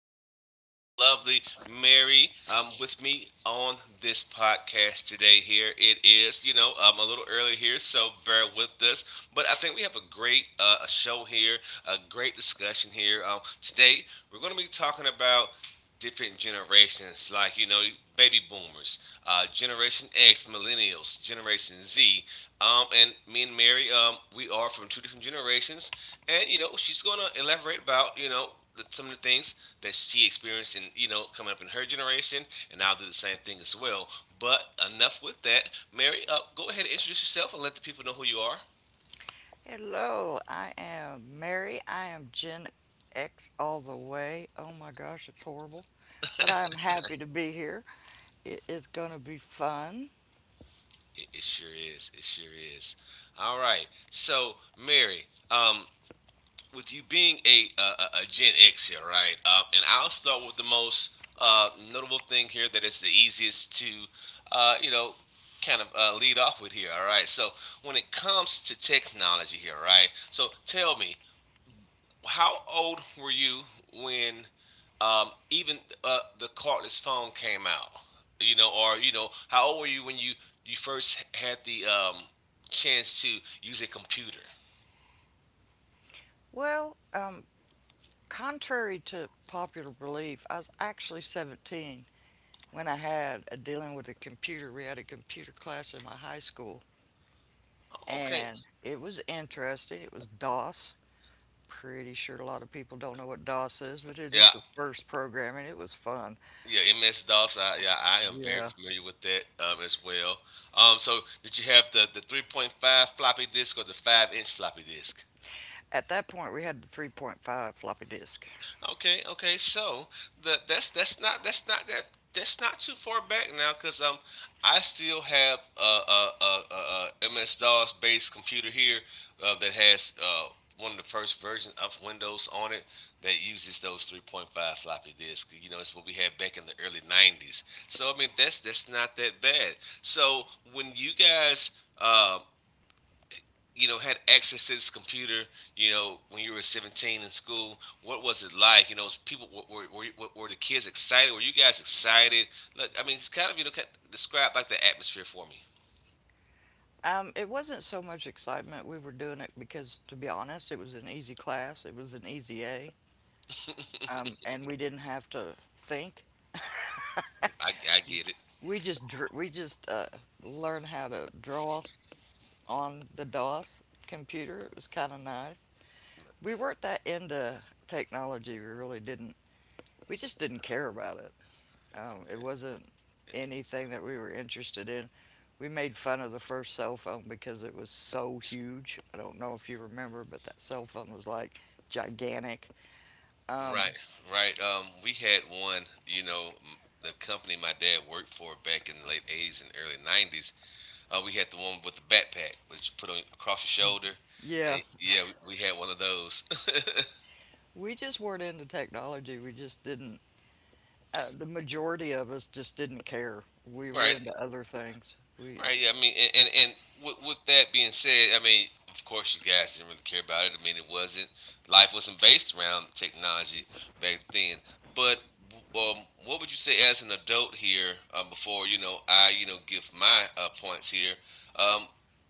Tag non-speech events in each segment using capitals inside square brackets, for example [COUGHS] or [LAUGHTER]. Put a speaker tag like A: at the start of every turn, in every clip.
A: and I have the lovely Mary with me on this podcast today. Here it is, a little early here, so bear with us. But I think we have a great a show here, a great discussion here. Today, we're going to be talking about different generations, like baby boomers, Generation X, millennials, Generation Z, and me and Mary, we are from two different generations, and she's going to elaborate about some of the things that she experienced in coming up in her generation, and I'll do the same thing as well. But enough with that, Mary. Go ahead and introduce yourself and let the people know who you are.
B: Hello, I am Mary. I am Gen X all the way. Oh my gosh, it's horrible. But I'm happy to be here. It is going to be fun.
A: It sure is. It sure is. All right. So Mary, um, with you being a Gen X here, right? And I'll start with the most notable thing here that is the easiest to, uh, you know, kind of lead off with here. All right. So when it comes to technology here, right? So tell me, how old were you when even the cordless phone came out? You know, or you know, how old were you when you first had the chance to use a computer?
B: Well, contrary to popular belief, I was actually 17 when I had a dealing with a computer. We had a computer class in my high school,
A: Okay.
B: and it was interesting. It was DOS. Pretty sure a lot of people don't know what DOS is, but it
A: Yeah.
B: is the first program, and it was fun.
A: Yeah, MS DOS. Yeah, I am very
B: Yeah.
A: familiar with that as well. So, did you have the 3.5 floppy disk or the 5-inch floppy disk?
B: At that point, we had the 3.5 floppy disk.
A: Okay, okay. So that's that's not that's not too far back now because I still have a MS DOS based computer here that has one of the first versions of Windows on it that uses those 3.5 floppy disks. You know, it's what we had back in the early 90s. So I mean, that's not that bad. So when you guys um, you know, had access to this computer, you know, when you were 17 in school? What was it like? You know, was people were the kids excited? Were you guys excited? Look, I mean, it's kind of, you know, kind of describe like the atmosphere for me.
B: It wasn't so much excitement. We were doing it because, to be honest, it was an easy class. It was an easy A, and we didn't have to think.
A: I get it.
B: We just learned how to draw on the DOS computer. It was kind of nice. We weren't that into technology. We really didn't. We just didn't care about it. It wasn't anything that we were interested in. We made fun of the first cell phone because it was so huge. I don't know if you remember, but that cell phone was like gigantic.
A: Right, right. We had one, you know, the company my dad worked for back in the late 80s and early 90s. We had the one with the backpack, which you put on across your shoulder.
B: Yeah,
A: And yeah, we had one of those. [LAUGHS]
B: we just weren't into technology. We just didn't. The majority of us just didn't care. We were
A: Right.
B: into other things. We
A: Right. Yeah. I mean, and with that being said, I mean, of course, you guys didn't really care about it. I mean, it wasn't life wasn't based around technology back then. But what would you say as an adult here, before I give my points here. Um,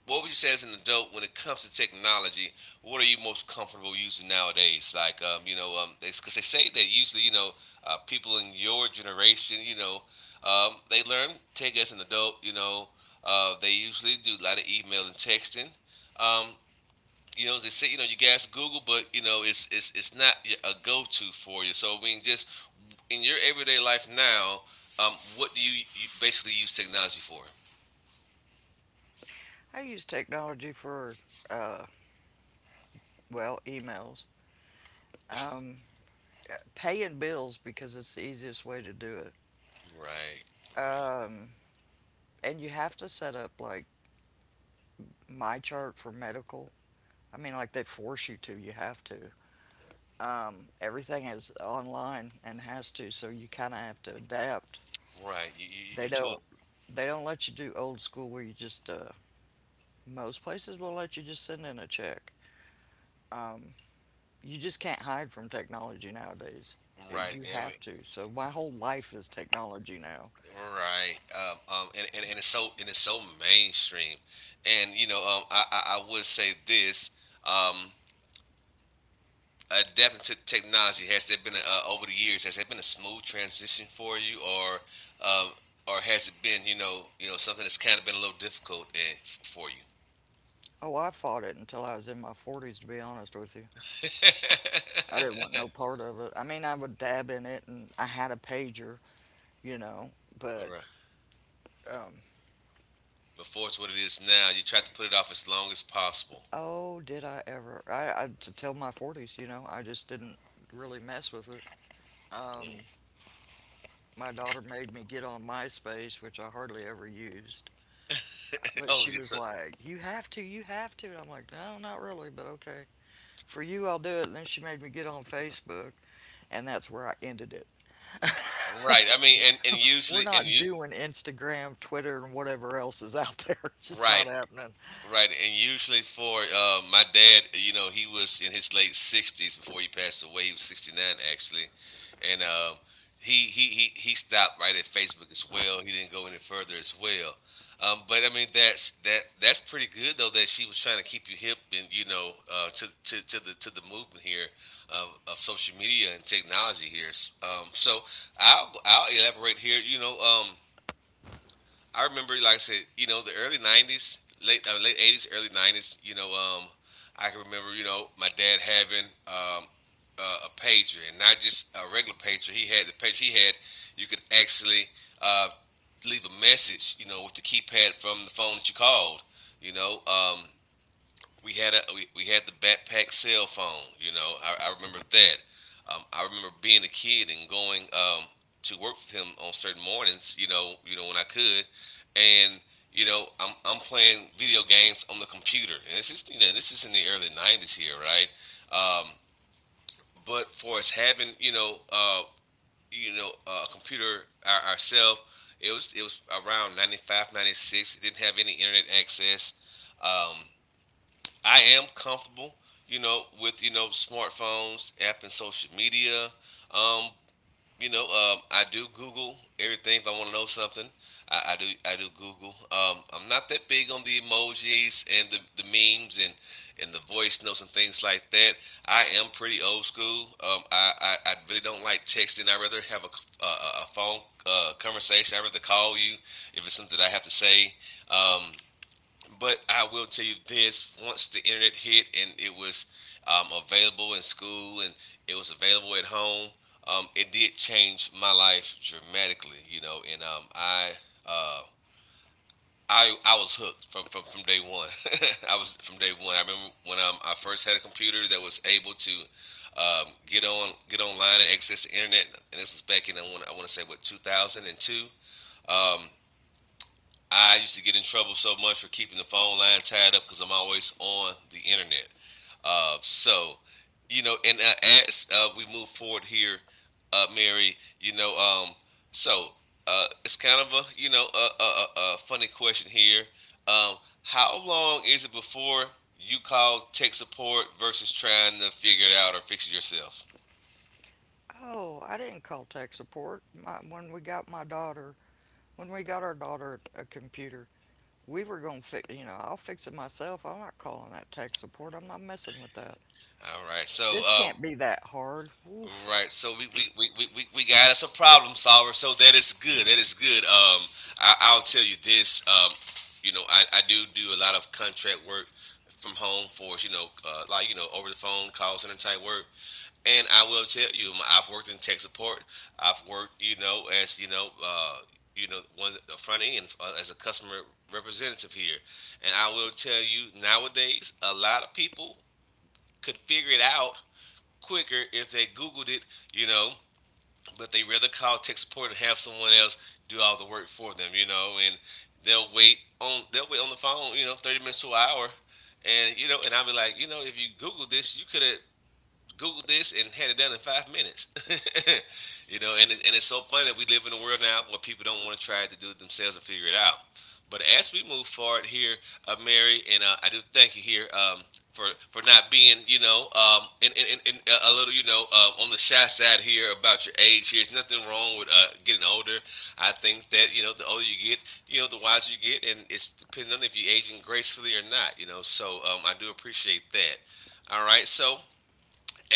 A: what would you say as an adult when it comes to technology what are you most comfortable using nowadays like because they 'cause they say that usually people in your generation they learn tech as an adult they usually do a lot of email and texting, um, you know they say you know you guys google but you know it's not a go-to for you, so I mean just in your everyday life now what do you basically use technology for?
B: I use technology for uh, well, emails, um, paying bills because it's the easiest way to do it.
A: Right, right.
B: Um, and you have to set up like my chart for medical. I mean, like they force you to, you have to. Everything is online and has to, so you kind of have to adapt.
A: Right. You you
B: They
A: you told
B: don't they don't let you do old school where you just most places will let you just send in a check. You just can't hide from technology nowadays. Uh,
A: right.
B: You
A: Yeah, I mean,
B: have to. So my whole life is technology now.
A: right. And it's so mainstream. And you know, I would say this, um adapting to technology, has there been over the years, has there been a smooth transition for you um or has it been, you know, something that's kind of been a little difficult and for you?
B: Oh, I fought it until I was in my 40s, to be honest with you.
A: [LAUGHS]
B: I didn't want no part of it. I mean, I would dab in it and I had a pager, you know,
A: All
B: but
A: right.
B: um,
A: Before it's what it is now, you try to put it off as long as possible.
B: oh, did I ever? I to tell my 40s, you know, I just didn't really mess with it. Um, my daughter made me get on MySpace, which I hardly ever used. But
A: Oh,
B: she
A: yes,
B: was
A: sir.
B: like, "You have to, you have to." And I'm like, "No, not really, but okay. For you, I'll do it." And then she made me get on Facebook, and that's where I ended it.
A: Right. I mean, and, and usually,
B: We're
A: and
B: not
A: you,
B: doing Instagram, Twitter, and whatever else is out there. [LAUGHS] It's just
A: right.
B: not happening.
A: Right, and usually for my dad, you know, he was in his late 60s before he passed away. He was 69 actually, and he stopped right at Facebook as well. He didn't go any further as well. But I mean, that that's pretty good though that she was trying to keep you hip and you know to to the movement here of social media and technology here. So I'll elaborate here. You know. I remember, like I said, you know, the early '90s, late '80s, early '90s. You know, I can remember, you know, my dad having a pager, and not just a regular pager. He had the pager he had. You could actually uh, leave a message, you know, with the keypad from the phone that you called. You know, we had we had the backpack cell phone. You know, I remember that. I remember being a kid and going to work with him on certain mornings. You know when I could, and you know I'm playing video games on the computer, and this is you know this is in the early '90s here, right? Um, but for us having you know you know a computer ourselves, it was around 95, 96. It didn't have any internet access. Um, I am comfortable, you know, with you know smartphones, app, and social media. Um, you know, I do Google everything if I want to know something. I do Google. I'm not that big on the emojis and the memes and the voice notes and things like that. I am pretty old school. I really don't like texting. I rather have a phone conversation. I rather call you if it's something that I have to say. Um, but I will tell you this: once the internet hit and it was available in school and it was available at home, it did change my life dramatically. You know, Uh, I was hooked from day one. [LAUGHS] I was from day one. I remember when I first had a computer that was able to get online and access the internet, and this was back in I want to say what 2002. Um, I used to get in trouble so much for keeping the phone line tied up because I'm always on the internet. So, you know, and as we move forward here, Mary, you know, so it's kind of a you know funny question here. Um, how long is it before you call tech support versus trying to figure it out or fix it yourself?
B: Oh, I didn't call tech support. When we got our daughter a computer, we were going to fix, you know, I'll fix it myself. I'm not calling that tech support. I'm not messing with that.
A: All right, so
B: This can't be that hard. Oof.
A: Right. So we got us a problem solver. So that is good. That is good. I'll tell you this. You know, I do do a lot of contract work from home for you know, like you know, over the phone call center type work. And I will tell you, I've worked in tech support. I've worked, you know, as you know, one of the front end as a customer representative here. And I will tell you, nowadays, a lot of people could figure it out quicker if they googled it you know but they rather call tech support and have someone else do all the work for them, you know, and they'll wait on the phone, you know, 30 minutes to an hour, and you know, and I'll be like, you know, if you Google this, you could have Google this and had it done in 5 minutes. [LAUGHS] You know, and and it's so funny that we live in a world now where people don't want to try to do it themselves and figure it out. But as we move forward here, Mary, and I do thank you here for for not being, you know, in a little, you know, on the shy side here about your age here. There's nothing wrong with getting older. I think that, you know, the older you get, you know, the wiser you get, and it's depending on if you're aging gracefully or not, you know. So I do appreciate that. All right, so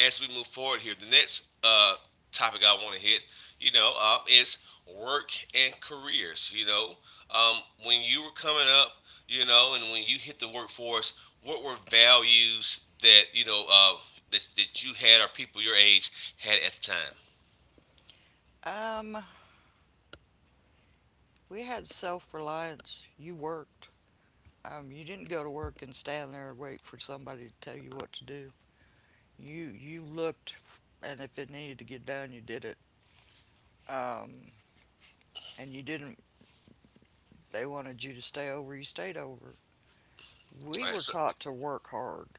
A: as we move forward here, the next topic I want to hit, is work and careers. Um, when you were coming up, you know, and when you hit the workforce, what were values that that you had or people your age had at the time?
B: Um, we had self reliance. You worked. You didn't go to work and stand there and wait for somebody to tell you what to do. You looked, and if it needed to get done, you did it. Um, and you didn't. They wanted you to stay over. You stayed over. We
A: All right,
B: were
A: so
B: taught to work hard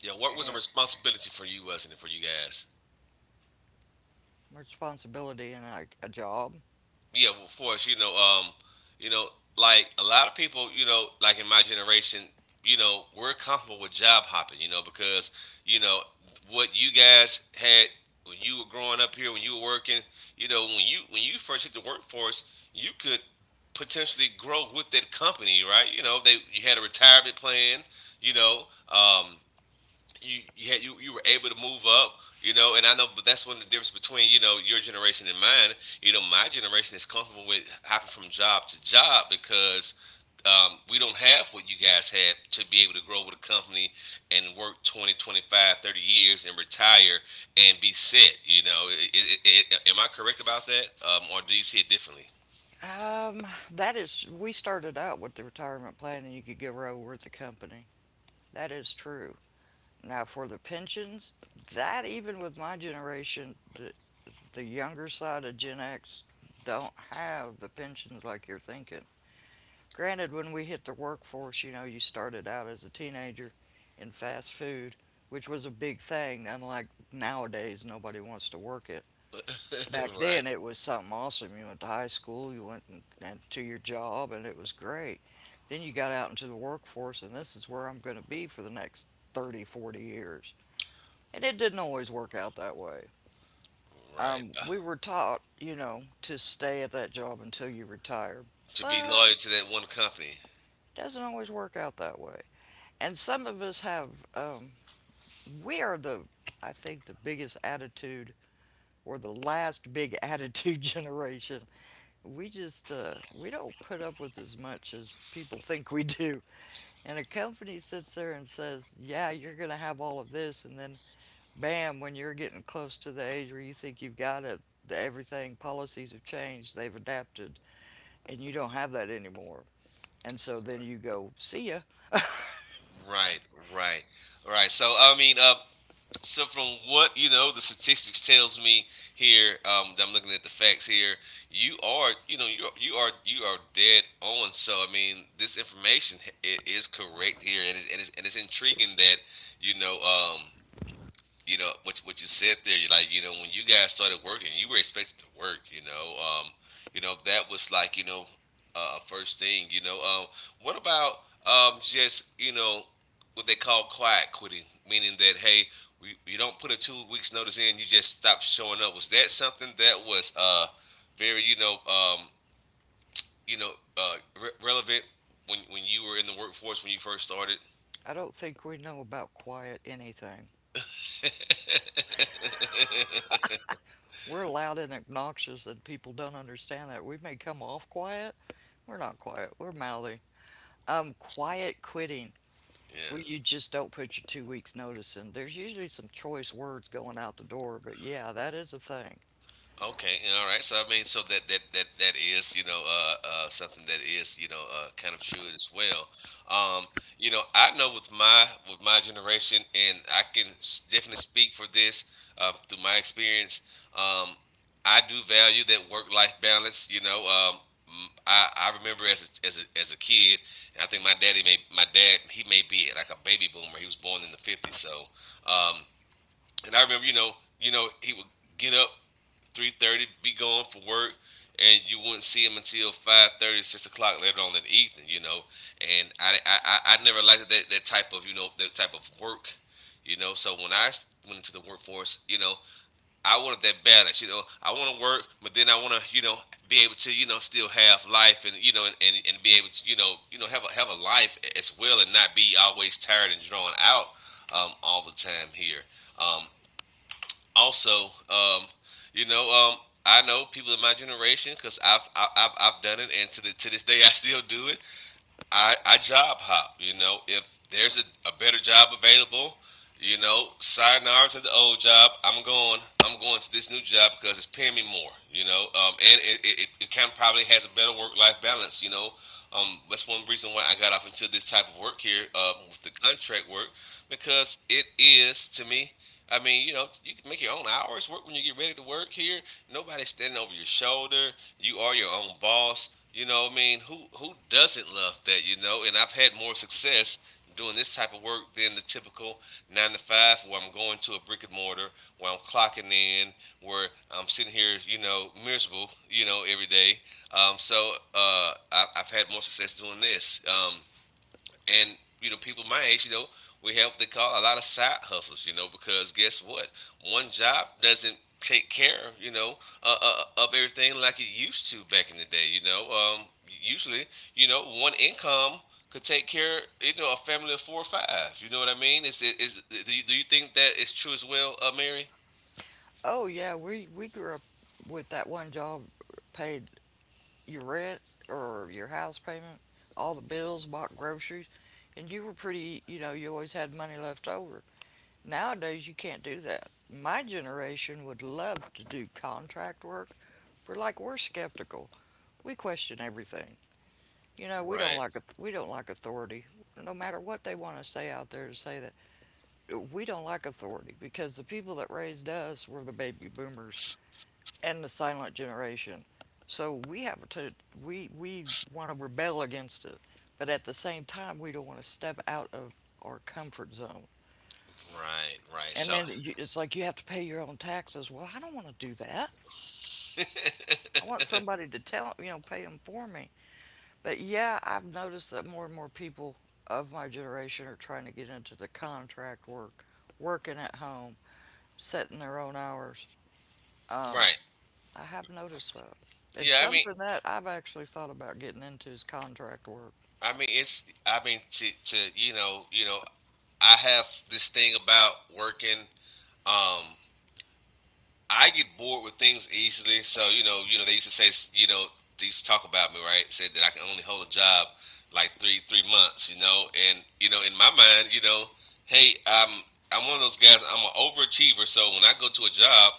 A: yeah, what was a
B: and
A: responsibility for you, wasn't it, for you guys?
B: responsibility in a job.
A: Yeah, well, of course, you know, like a lot of people, you know, like in my generation, you know, we're comfortable with job hopping, you know, because you know what you guys had when you were growing up here, when you were working, you know, when you first hit the workforce, you could potentially grow with that company, right? You know, they you had a retirement plan, you know, um, you you, had, you were able to move up, you know, and I know, but that's one of the difference between you know your generation and mine. You know, my generation is comfortable with hopping from job to job because we don't have what you guys had to be able to grow with a company and work 20, 25 30 years and retire and be set. You know, am I correct about that, or do you see it differently?
B: Um, that is, we started out with the retirement plan and you could get row with the company. That is true. Now, for the pensions, that even with my generation, the younger side of Gen X don't have the pensions like you're thinking. Granted, when we hit the workforce, you know, you started out as a teenager in fast food, which was a big thing, unlike nowadays, nobody wants to work it.
A: [LAUGHS]
B: Back
A: Right,
B: then it was something awesome. You went to high school, you went and to your job, and it was great. Then you got out into the workforce, and this is where I'm going to be for the next 30, 40 years. And it didn't always work out that way.
A: right.
B: We were taught, you know, to stay at that job until you retire,
A: To be
B: but
A: loyal to that one company.
B: it doesn't always work out that way. And some of us have, we are the, I think, the biggest attitude or the last big attitude [LAUGHS] generation. We don't put up with as much as people think we do, and a company sits there and says, "Yeah, you're going to have all of this," and then bam, when you're getting close to the age where you think you've got it, everything, policies have changed, they've adapted, and you don't have that anymore, and so then you go, see ya.
A: Right, right, right. So I mean, so from what you know, the statistics tells me here that I'm looking at the facts here. You are, you know, you are dead on. So I mean, this information it is correct here, and it's, and it's intriguing that you know um, you know what you said there. You like you know when you guys started working, you were expected to work. You know that was like first thing. What about just you know what they call quiet quitting, meaning that hey, you don't put a 2 weeks notice in, you just stop showing up. Was that something that was very you know uh, relevant when you were in the workforce when you first started?
B: I don't think we know about quiet anything.
A: [LAUGHS]
B: We're loud and obnoxious, and people don't understand that we may come off quiet. We're not quiet, we're mouthy. Quiet quitting, where you
A: Yeah.
B: just don't put your 2 weeks notice in. There's usually some choice words going out the door, but yeah, that is a thing.
A: Okay, all right. So I mean, so that is something that is kind of true as well. Um, you know, I know with my generation, and I can definitely speak for this through my experience. Um, I do value that work life balance. You know, I remember as as a kid, and I think my dad he may be like a baby boomer. He was born in the '50s, so um, and I remember he would get up 3:30, be going for work, and you wouldn't see him until 5:30, 6 o'clock later on in the evening, you know. And I never liked that, that type of, you know, that type of work, you know. So when I went into the workforce, you know, I wanted that balance, you know. I want to work, but then I want to, you know, be able to, you know, still have life and, you know, and be able to, you know, have a life as well and not be always tired and drawn out all the time here. Um, also, um, you know, um, I know people in my generation because I've, I- I've done it, and to this day I still do it. I job hop. You know, if there's a better job available, you know, sayonara to the old job. I'm going. I'm going to this new job because it's paying me more. You know, and it kind of probably has a better work life balance. You know, that's one reason why I got off into this type of work here with the contract work because it is to me. I mean, you know, you can make your own hours work when you get ready to work here. Nobody's standing over your shoulder. You are your own boss. You know, what I mean, who doesn't love that? You know, and I've had more success doing this type of work than the typical nine to five where I'm going to a brick and mortar, where I'm clocking in, where I'm sitting here, you know, miserable, you know, every day. So I've had more success doing this. And you know, people my age, you know, we have what they call a lot of side hustles, you know, because guess what? One job doesn't take care, you know, of everything like it used to back in the day. You know, usually, you know, one income could take care, you know, a family of four or five. You know what I mean? Is do you think that is true as well, Mary?
B: Oh yeah, we grew up with that one job paid your rent or your house payment, all the bills, bought groceries, and you were pretty, you know, you always had money left over. Nowadays you can't do that. My generation would love to do contract work, but like we're skeptical. We question everything. You know, we don't
A: Right,
B: like we don't like authority. No matter what they want to say out there to say that we don't like authority, because the people that raised us were the baby boomers and the silent generation. So we have to, we want to rebel against it, but at the same time we don't want to step out of our comfort zone.
A: right, right.
B: And
A: So,
B: then you, it's like you have to pay your own taxes. Well, I don't want to do that. I want somebody to tell pay them for me. But yeah, I've noticed that more and more people of my generation are trying to get into the contract work, working at home, setting their own hours. Um,
A: right,
B: I have noticed that. It's
A: yeah.
B: something that I've actually thought about getting into is contract work.
A: I mean, it's. I mean, to you know, I have this thing about working. Um, I get bored with things easily, so you know, they used to say, you know, they used to talk about me, right? Said that I can only hold a job like three months, you know, and you know, in my mind, you know, hey, I'm one of those guys. I'm an overachiever, so when I go to a job,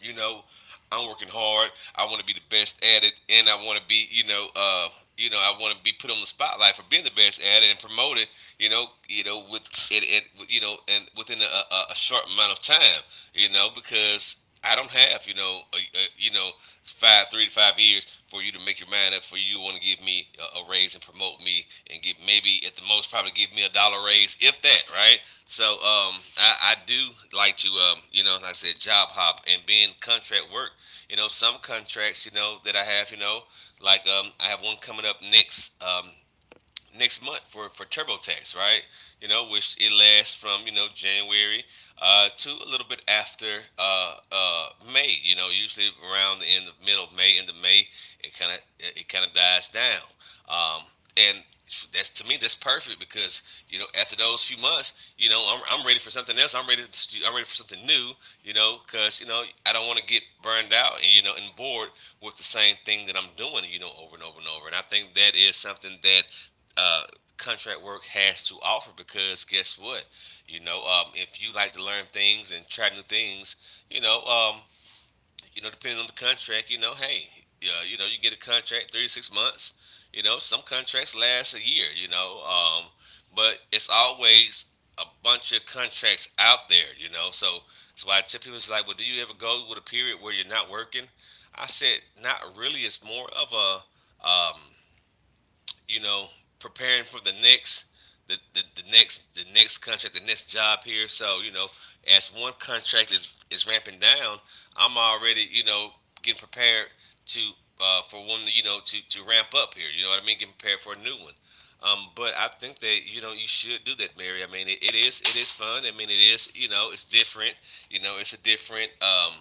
A: you know, I'm working hard. I want to be the best at it, and I want to be, you know, I want to be put on the spotlight for being the best at it and promoted, with it, it you know, and within a short amount of time, you know, because I don't have, you know, you know, five, 3 to 5 years for you to make your mind up. For you want to give me a raise and promote me, and give maybe at the most probably give me a dollar raise, if that, right? So I do like to, you know, like I said, job hop and being contract work you know, some contracts, you know, that I have, you know, like I have one coming up next next month for TurboTax, right? You know, which it lasts from you know January to a little bit after May. You know, usually around the end of middle of May, end of May, it kind of dies down. Um, and that's to me that's perfect because you know after those few months you know I'm ready for something else. I'm ready for something new, you know, because you know I don't want to get burned out and you know and bored with the same thing that I'm doing you know over and over and over, and I think that is something that uh, contract work has to offer because guess what? You know, if you like to learn things and try new things, you know, um, you know, depending on the contract, you know, hey, you know, you get a contract 3 to 6 months. You know, some contracts last a year. You know, but it's always a bunch of contracts out there. You know, so that's why I tell people it's like, well, do you ever go with a period where you're not working? I said, not really. It's more of a you know, preparing for the next the next contract, the next job here. So, you know, as one contract is ramping down, I'm already, you know, getting prepared to for one, you know, to ramp up here. You know what I mean? Getting prepared for a new one. But I think that you know you should do that, Mary. I mean, it is fun. I mean, it is you know it's different. You know, it's a different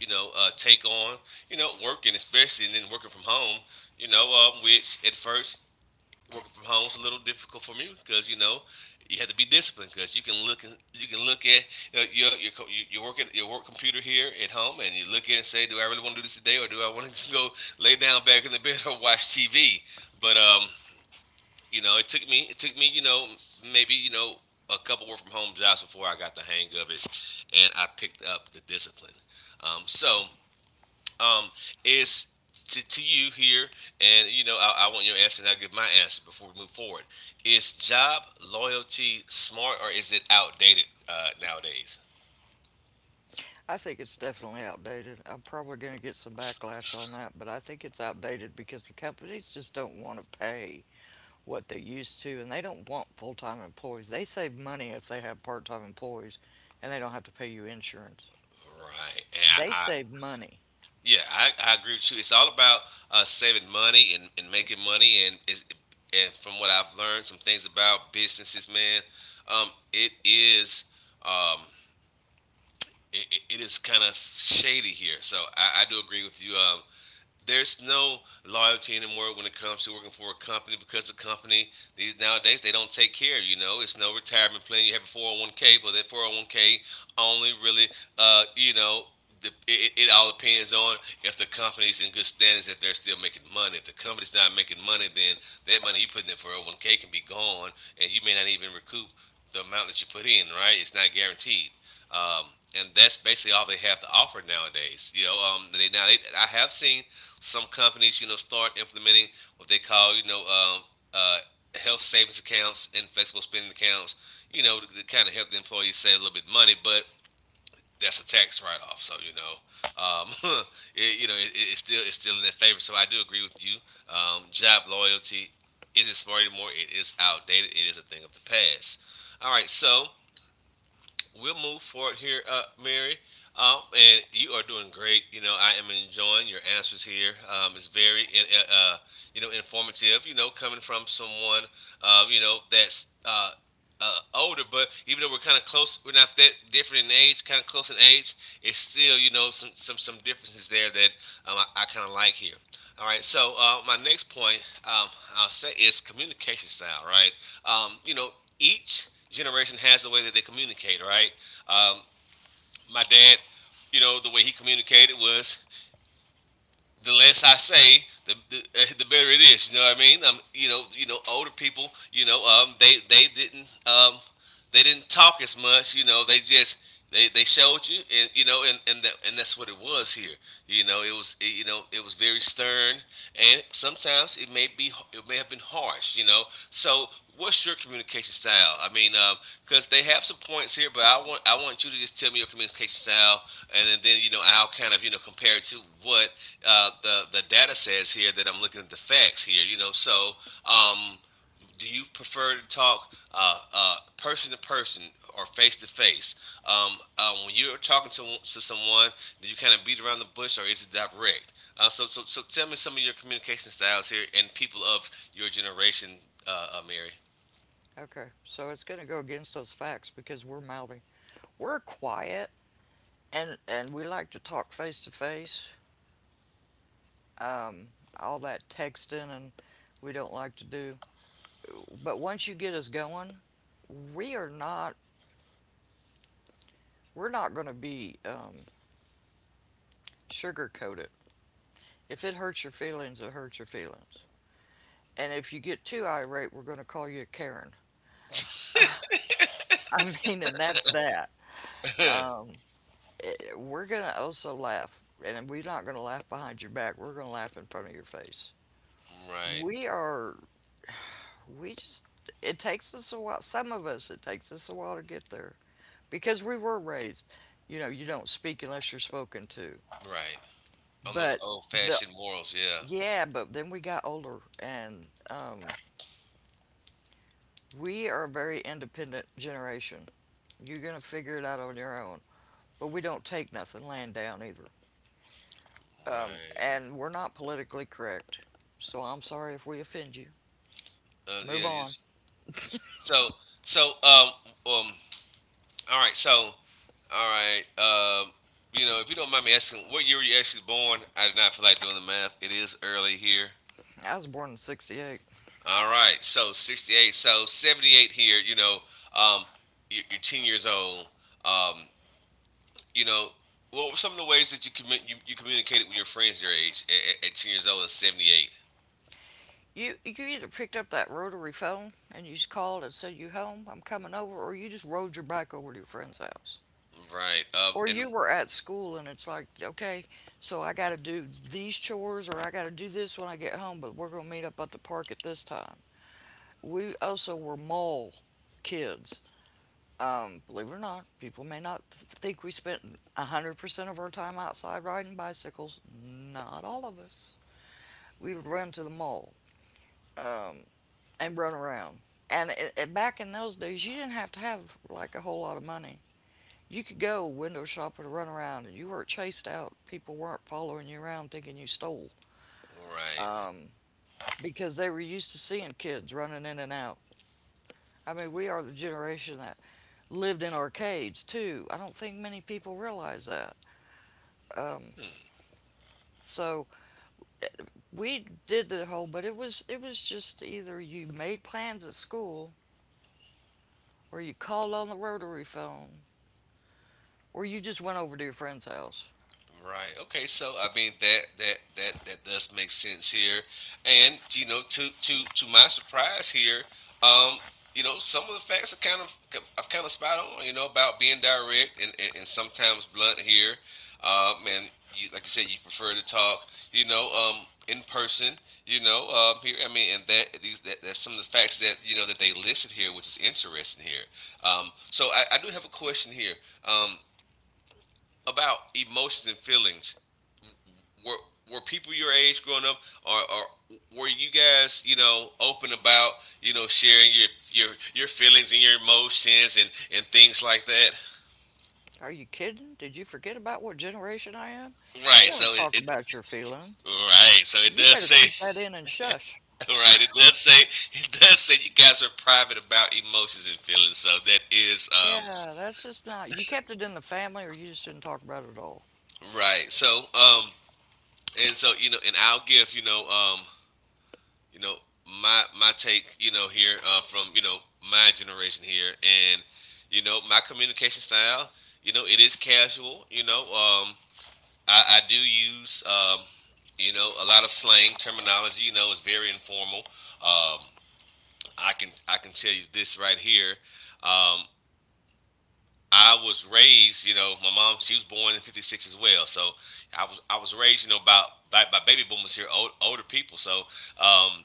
A: you know take on you know working, especially and then working from home. You know, which at first working from home is a little difficult for me because you know you have to be disciplined because you can look at you know, your work at your work computer here at home and you look at it and say, do I really want to do this today or do I want to [LAUGHS] go lay down back in the bed or watch TV? But it took me maybe a couple work from home jobs before I got the hang of it, and I picked up the discipline. So um, is to you here, and I want your answer, and I'll give my answer before we move forward. Is job loyalty smart, or is it outdated nowadays?
B: I think it's definitely outdated. I'm probably going to get some backlash on that, but I think it's outdated because the companies just don't want to pay what they used to, and they don't want full time employees. They save money if they have part time employees and they don't have to pay you insurance.
A: Right. And
B: They
A: I,
B: saved money.
A: yeah, I agree with you. It's all about saving money, and making money, and is and from what I've learned, some things about businesses, man, um, it is um, it is kind of shady here. So I do agree with you. There's no loyalty anymore when it comes to working for a company, because these nowadays, they don't take care. You know, it's no retirement plan. You have a 401k, but that 401k only really, uh, you know, it all depends on if the company's in good standings, if they're still making money. If the company's not making money, then that money you put in that 401k can be gone, and you may not even recoup the amount that you put in. Right? It's not guaranteed. Um, and that's basically all they have to offer nowadays. I have seen some companies, start implementing what they call, uh, health savings accounts and flexible spending accounts, to kind of help the employees save a little bit of money, but that's a tax write-off. So, um, [LAUGHS] it, you know, it, it's still in their favor. So I do agree with you. Job loyalty isn't smart anymore. It is outdated. It is a thing of the past. All right. So, yes, we'll move forward here, Mary. And you are doing great. I am enjoying your answers here. It's very, informative. Coming from someone, that's older, but even though we're kind of close, we're not that different in age. Kind of close in age, it's still, some differences there that I kind of like here. All right. So, my next point, I'll say, is communication style. Right. Um, you know, each generation has a way that they communicate. Right. Um, my dad, the way he communicated was, the less I say, [LAUGHS] the better it is. You know what I mean? Older people, they didn't talk as much. You know, they just, they showed you, and and that's what it was here. It was, it, you know it was very stern, and sometimes it may have been harsh. So, what's your communication style? I mean, because they have some points here, but I want you to just tell me your communication style, and then I'll kind of compare it to what the data says here, that I'm looking at the facts here. So um, do you prefer to talk person to person or face to face? Um, When you're talking to someone, do you kind of beat around the bush, or is it direct? So, tell me some of your communication styles here and people of your generation, Mary.
B: Okay, so it's going to go against those facts because we're mouthy. We're quiet, and we like to talk face to face. Um, all that texting and we don't like to do. But once you get us going, we are not we're not going to be coated. If it hurts your feelings, it hurts your feelings. And if you get too irate, we're going to call you a Karen. [LAUGHS] I mean, and that's that. Um, we're going to also laugh, and we're not going to laugh behind your back. We're going to laugh in front of your face.
A: Right,
B: We are, we just, it takes us a while. Some of us, it takes us a while to get there because we were raised, you know, you don't speak unless you're spoken to.
A: right. On those
B: But
A: old
B: the,
A: fashioned morals, yeah.
B: yeah, but then we got older and we are a very independent generation. You're going to figure it out on your own. But we don't take nothing laying down either. Um,
A: Right.
B: and we're not politically correct, so I'm sorry if we offend you. Move
A: Yeah.
B: on.
A: It's- so, so, um, um, All right, so, all right, you know, if you don't mind me asking, what year were you actually born? I did not feel like doing the math. It is early here.
B: I was born in '68.
A: All right, so 68, so 78 here, um, you're 10 years old. Um, you know, what were some of the ways that you communicated with your friends your age at 10 years old and 78?
B: You either picked up that rotary phone and you just called and said, you home, I'm coming over, or you just rode your bike over to your friend's house,
A: Right.
B: or you were at school and it's like, okay, so I got to do these chores or I got to do this when I get home, but we're gonna meet up at the park at this time. We also were mall kids. Believe it or not, people may not think we spent 100% of our time outside riding bicycles. Not all of us. We would run to the mall um, and run around. And back in those days, you didn't have to have like a whole lot of money. You could go window shopping and run around, and you weren't chased out. People weren't following you around thinking you stole
A: Right.
B: um, because they were used to seeing kids running in and out. I mean, we are the generation that lived in arcades too. I don't think many people realize that. So we did the whole, but it was just either you made plans at school, or you called on the rotary phone, or you just went over to your friend's house.
A: Right. Okay. So I mean, that does make sense here, and to my surprise here, um, some of the facts are kind of — I've kind of spot on. You know, about being direct, and sometimes blunt here, and you like you said, you prefer to talk. In person. You know, here I mean, and that these that, that's some of the facts that that they listed here, which is interesting here. So I do have a question here. Um. About emotions and feelings, were were people your age growing up, or were you guys, open about, sharing your feelings and your emotions and things like that?
B: Are you kidding? Did you forget about what generation I am? You
A: Right.
B: don't
A: So it.
B: talk
A: It
B: about your feelings.
A: Right, so it
B: You
A: does
B: better
A: say,
B: keep that in and shush.
A: [LAUGHS] right, it does say, it does say you guys are private about emotions and feelings. So that is,
B: Yeah, that's just not. You kept it in the family, or you just didn't talk about it at all.
A: right. So, and so, and I'll give, you know my take, here, from, my generation here, and my communication style. It is casual. I do use, a lot of slang terminology. It's very informal. um, I can tell you this right here. um, I was raised, my mom, she was born in 56 as well. So I was raised, about by baby boomers here, older people. So, um,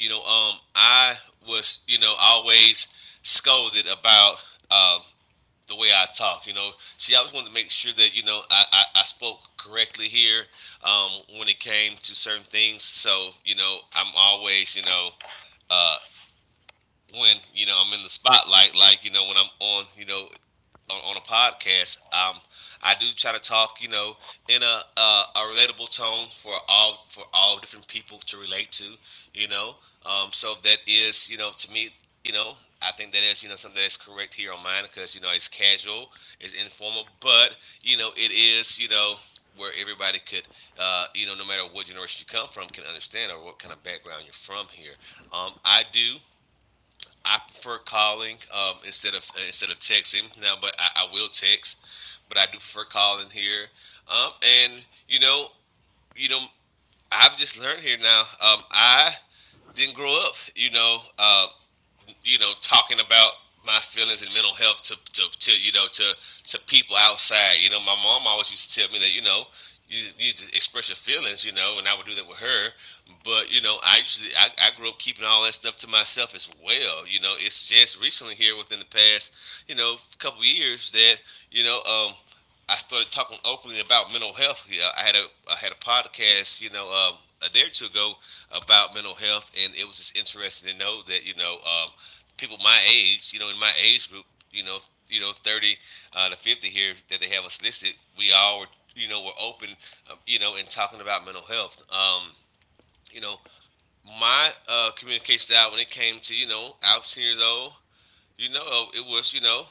A: I was, always scolded about, um, the way I talk. You know, she always wanted to make sure that I spoke correctly here, when it came to certain things. So, I'm always, uh, when I'm in the spotlight, like when I'm on, on a podcast. I do try to talk, in a relatable tone for all different people to relate to, you know. So that is, to me, you know, I think that is, something that is correct here on mine, because it's casual, it's informal, but it is, where everybody could, no matter what generation you come from, can understand, or what kind of background you're from here. Um, I do I prefer calling, instead of, texting now, but I will text, but I do prefer calling here. And you know, you know, I've just learned here now. I didn't grow up, talking about my feelings and mental health, to people outside. You know, my mom always used to tell me that, you need to express your feelings, and I would do that with her. But I grew up keeping all that stuff to myself as well. It's just recently here, within the past, couple years that, you know, um, I started talking openly about mental health. I had a podcast, a day or two ago, about mental health, and it was just interesting to know that, people my age, in my age group, you know, 30 to 50 here, that they have us listed. We all were, were open, and talking about mental health. You know, my communication style when it came to, I was 10 years old. It was,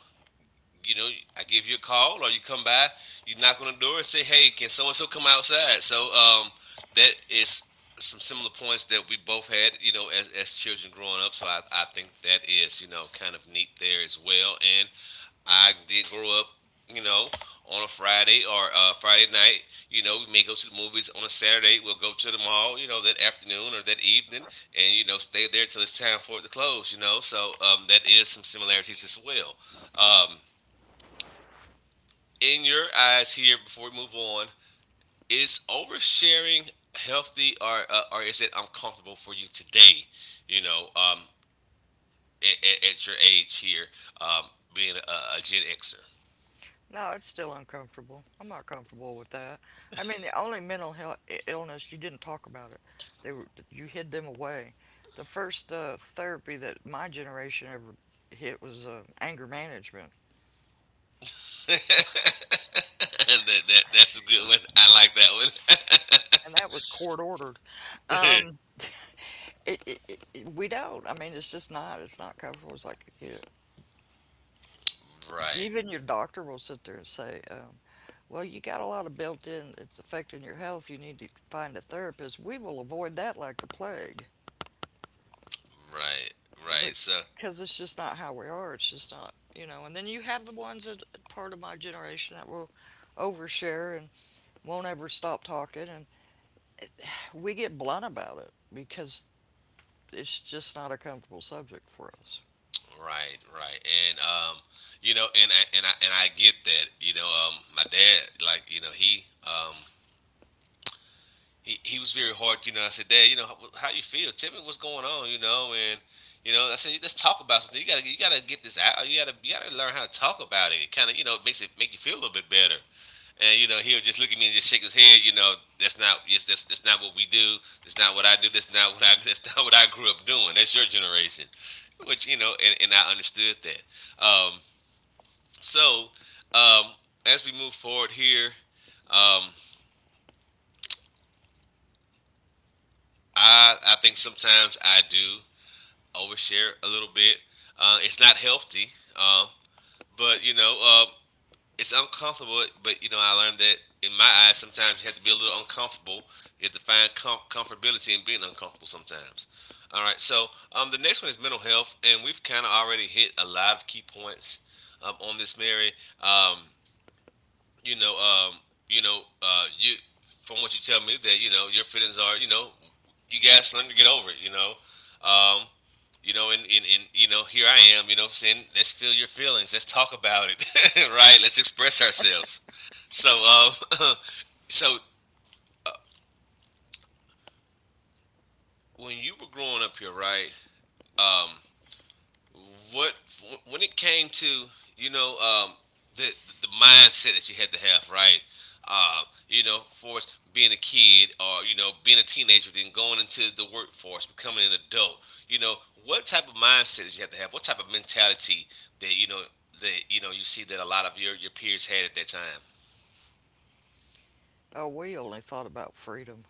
A: you know, I give you a call, or you come by, you knock on the door and say, hey, can so and so come outside? So, that is some similar points that we both had, as children growing up. So I think that is, kind of neat there as well. And I did grow up, you know, on a Friday, or, Friday night. We may go to the movies on a Saturday. We'll go to the mall, that afternoon or that evening, and, stay there till it's time for it to close. So, that is some similarities as well. Um, in your eyes here, before we move on, is oversharing healthy, or is it uncomfortable for you today, you know um at your age here, um being a Gen Xer?
B: No, it's still uncomfortable. I'm not comfortable with that. I mean, the only mental health illness you didn't talk about it. They were you hid them away. The first therapy that my generation ever hit was anger management,
A: [LAUGHS] That's a good one. I like that one.
B: and that was court ordered. Um, we don't. I mean, it's just not. It's not comfortable. It's like you know,
A: [LAUGHS] Right,
B: even your doctor will sit there and say, "Well, you got a lot of built-in. It's affecting your health. You need to find a therapist." We will avoid that like the plague.
A: right,
B: But
A: right, so
B: because it's just not how we are. It's just not. And then you have the ones that part of my generation that will overshare and won't ever stop talking, and we get blunt about it because it's just not a comfortable subject for us.
A: right, right. And you know, and I get that. My dad, like, you know, he he was very hard. You know, I said, Dad, you know, how you feel? Tell me what's going on. You know, and I said, let's talk about something. You gotta get this out. You gotta learn how to talk about it. It kind of, you know, it makes it make you feel a little bit better. And you know, he'll just look at me and just shake his head. You know, that's not, yes, that's not what we do. That's not what I do. That's not what I [LAUGHS] that's not what I grew up doing. That's your generation, which, you know, and I understood that. Um, so um, as we move forward here, um, I think sometimes I do overshare a little bit. It's not healthy, um, but you know, it's uncomfortable. But you know, I learned that in my eyes, sometimes you have to be a little uncomfortable. You have to find comfortability in being uncomfortable sometimes. All right, so, the next one is mental health, and we've kind of already hit a lot of key points, on this, Mary. Um, you know, you know, you From what you tell me that, you know, your feelings are, you know, you guys learn to get over it, um, and you know, here I am, you know, saying let's feel your feelings, let's talk about it, [LAUGHS] right? Let's express ourselves. So, um, [COUGHS] [LAUGHS] so when you were growing up here, right? Um, what, when it came to, you know um, the the mindset that you had to have, right? Uh, you know, for us being a kid or, you know, being a teenager, then going into the workforce, becoming an adult. You know, what type of mindset did you have to have? What type of mentality that, you know, you see that a lot of your peers had at that time?
B: Oh, we only thought about freedom.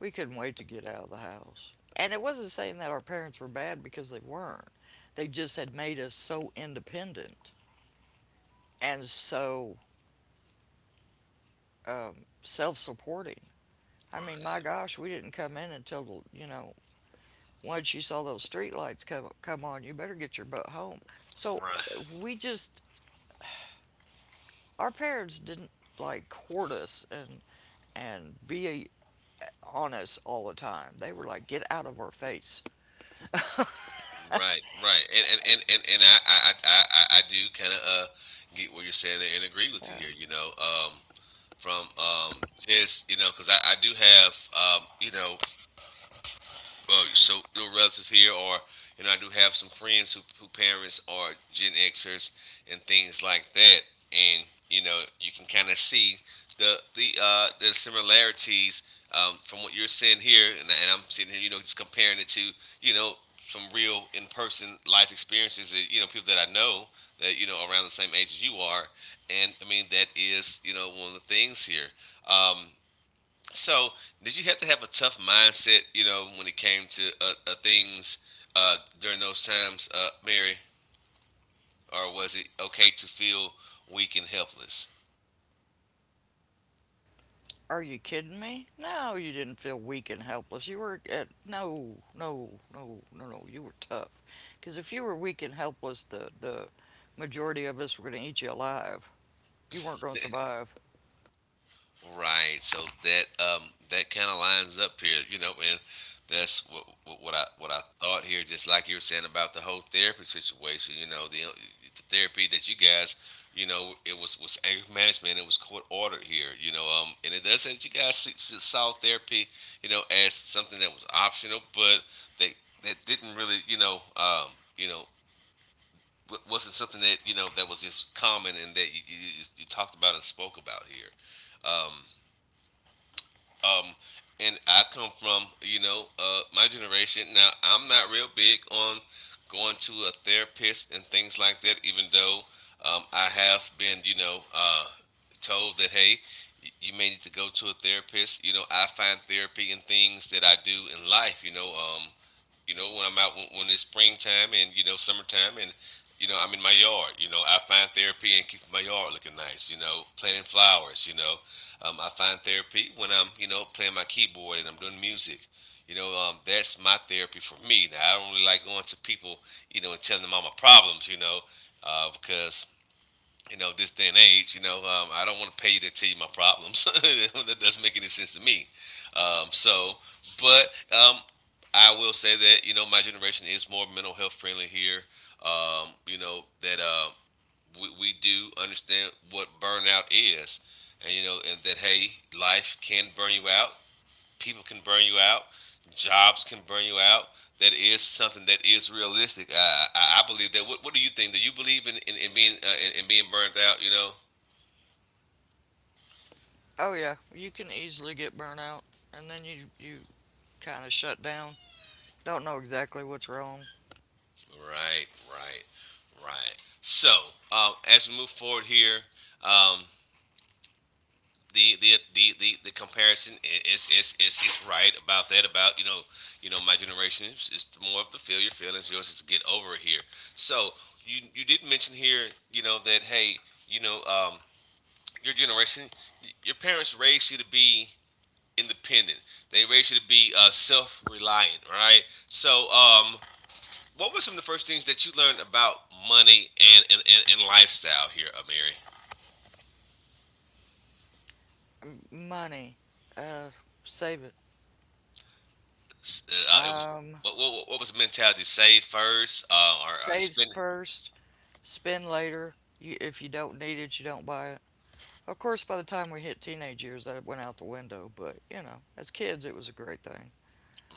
B: We couldn't wait to get out of the house. And it wasn't saying that our parents were bad because they weren't. They just had made us so independent and so self supporting. I mean, my
A: Right,
B: gosh, we didn't come in until, once you saw those street lights come on, you better get your butt home. So
A: right,
B: we just our parents didn't like court us and be on us all the time. They were like, "Get out of our face."
A: right, right. And I do kind of get what you're saying there and agree with you
B: Uh,
A: here. You know, from, just, you know, because I do have, well, so your relatives here, or, you know, I do have some friends who parents are Gen Xers and things like that, and you know, you can kind of see the similarities, from what you're saying here, and, I'm sitting here, you know, just comparing it to, you know, some real in person life experiences that, you know, people that I know, that, you know, around the same age as you are, and I mean that is, you know, one of the things here. Um, so, did you have to have a tough mindset, you know, when it came to, things, during those times, Mary, or was it okay to feel weak and helpless?
B: are you kidding me? No, you didn't feel weak and helpless. No, no, no, no, no. You were tough. Because if you were weak and helpless, the majority of us were going to eat you alive. You weren't going to survive.
A: Right. So that, that kind of lines up here, you know, and that's what I thought here. Just like you were saying about the whole therapy situation, you know, the therapy that you guys, you know, it was anger management. It was court ordered here, you know, and it does say that you guys, saw therapy, you know, as something that was optional, but they, that didn't really, you know. Wasn't something that, you know, that was just common and that you talked about and spoke about here. Um, um, and I come from, you know, my generation. Now, I'm not real big on going to a therapist and things like that, even though, I have been, you know, told that, hey, you may need to go to a therapist. You know, I find therapy in things that I do in life, when I'm out, when it's springtime, and you know, summertime, and you know, I'm in my yard. You know, I find therapy and keep my yard looking nice. You know, planting flowers. You know, I find therapy when I'm, you know, playing my keyboard and I'm doing music. You know, that's my therapy for me. Now, I don't really like going to people, you know, and telling them all my problems, you know, because, you know, this day and age, I don't want to pay you to tell you my problems. [LAUGHS] That doesn't make any sense to me. Um, so, but um, I will say that, you know, my generation is more mental health friendly here. You know, that, we do understand what burnout is, and you know, and that, hey, life can burn you out, people can burn you out, jobs can burn you out. That is something that is realistic. I believe that. What do you think? Do you believe in, in being, in being burned out? You know,
B: Oh yeah, you can easily get burnt out, and then you kind of shut down. Don't know exactly what's wrong.
A: right, right, right. So, as we move forward here, um, the comparison is right about that, about, you know, my generation is, more of the feel your feelings, yours is to get over it here. So you, did mention here, you know, that, hey, you know, your generation, your parents raised you to be independent, they raised you to be, self-reliant, right? So, what were some of the first things that you learned about money, and lifestyle here, Amiri?
B: Money, uh, save it.
A: It was,
B: Um,
A: what was the mentality? Save first, or
B: saves
A: spend?
B: first, spend later. If you don't need it, you don't buy it. Of course, by the time we hit teenage years, that went out the window. But you know, as kids, it was a great thing.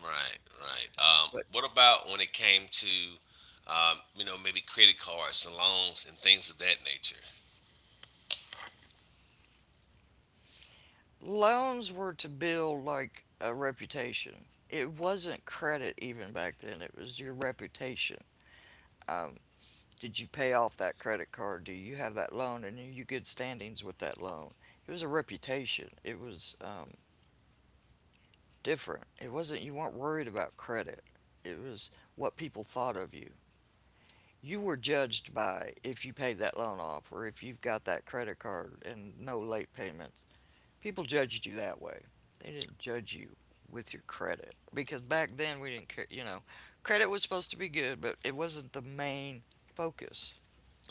A: Right, right.
B: But
A: What about when it came to, you know, maybe credit cards and loans and things of that nature?
B: loans were to build like a reputation. It wasn't credit even back then. It was your reputation. Did you pay off that credit card? Do you have that loan? And are you good standings with that loan? It was a reputation. It was different. It wasn't, you weren't worried about credit. It was what people thought of you. You were judged by if you paid that loan off or if you've got that credit card and no late payments. People judged you that way. They didn't judge you with your credit because back then we didn't care, credit was supposed to be good, but it wasn't the main focus.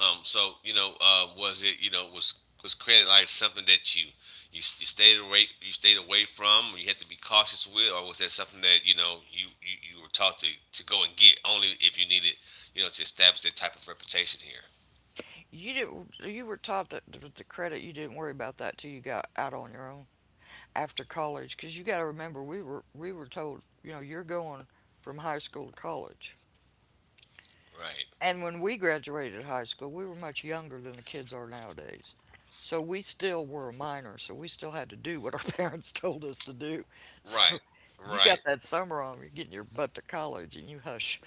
A: So, you know, was it, you know, was credit like something that you stayed away, from, or you had to be cautious with, or was that something that, you know, you were taught to, go and get only if you needed, you know, to establish that type of reputation here?
B: You didn't. You were taught that with the credit, you didn't worry about that till you got out on your own after college. Because you got to remember, we were told, you're going from high school to college.
A: Right,
B: And when we graduated high school, we were much younger than the kids are nowadays. So we still were a minor. So we still had to do what our [LAUGHS] parents told us to do.
A: right,
B: So you got
A: right.
B: that summer on, you're getting your butt to college, and you hush.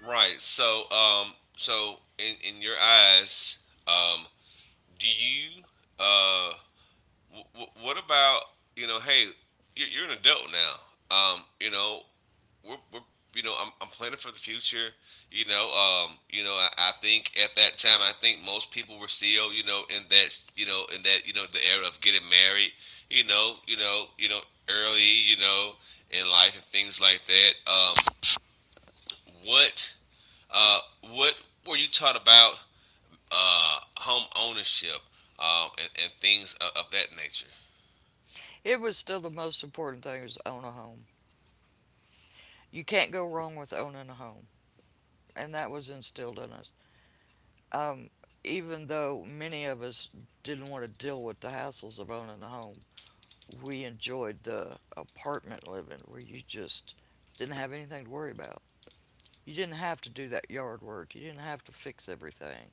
A: Right. So, in your eyes, um, do you, uh, what about, you know? Hey, you're an adult now. You know, we're you know, I'm planning for the future. You know, I think at that time, I think most people were still, you know, in that, you know, in that, you know, the era of getting married. You know, you know, you know, early, you know, in life and things like that. What, uh, what were you taught about, home ownership, and things of, that nature?
B: It was still the most important thing was own a home. You can't go wrong with owning a home. And that was instilled in us. Um, even though many of us didn't want to deal with the hassles of owning a home, we enjoyed the apartment living where you just didn't have anything to worry about. You didn't have to do that yard work. You didn't have to fix everything.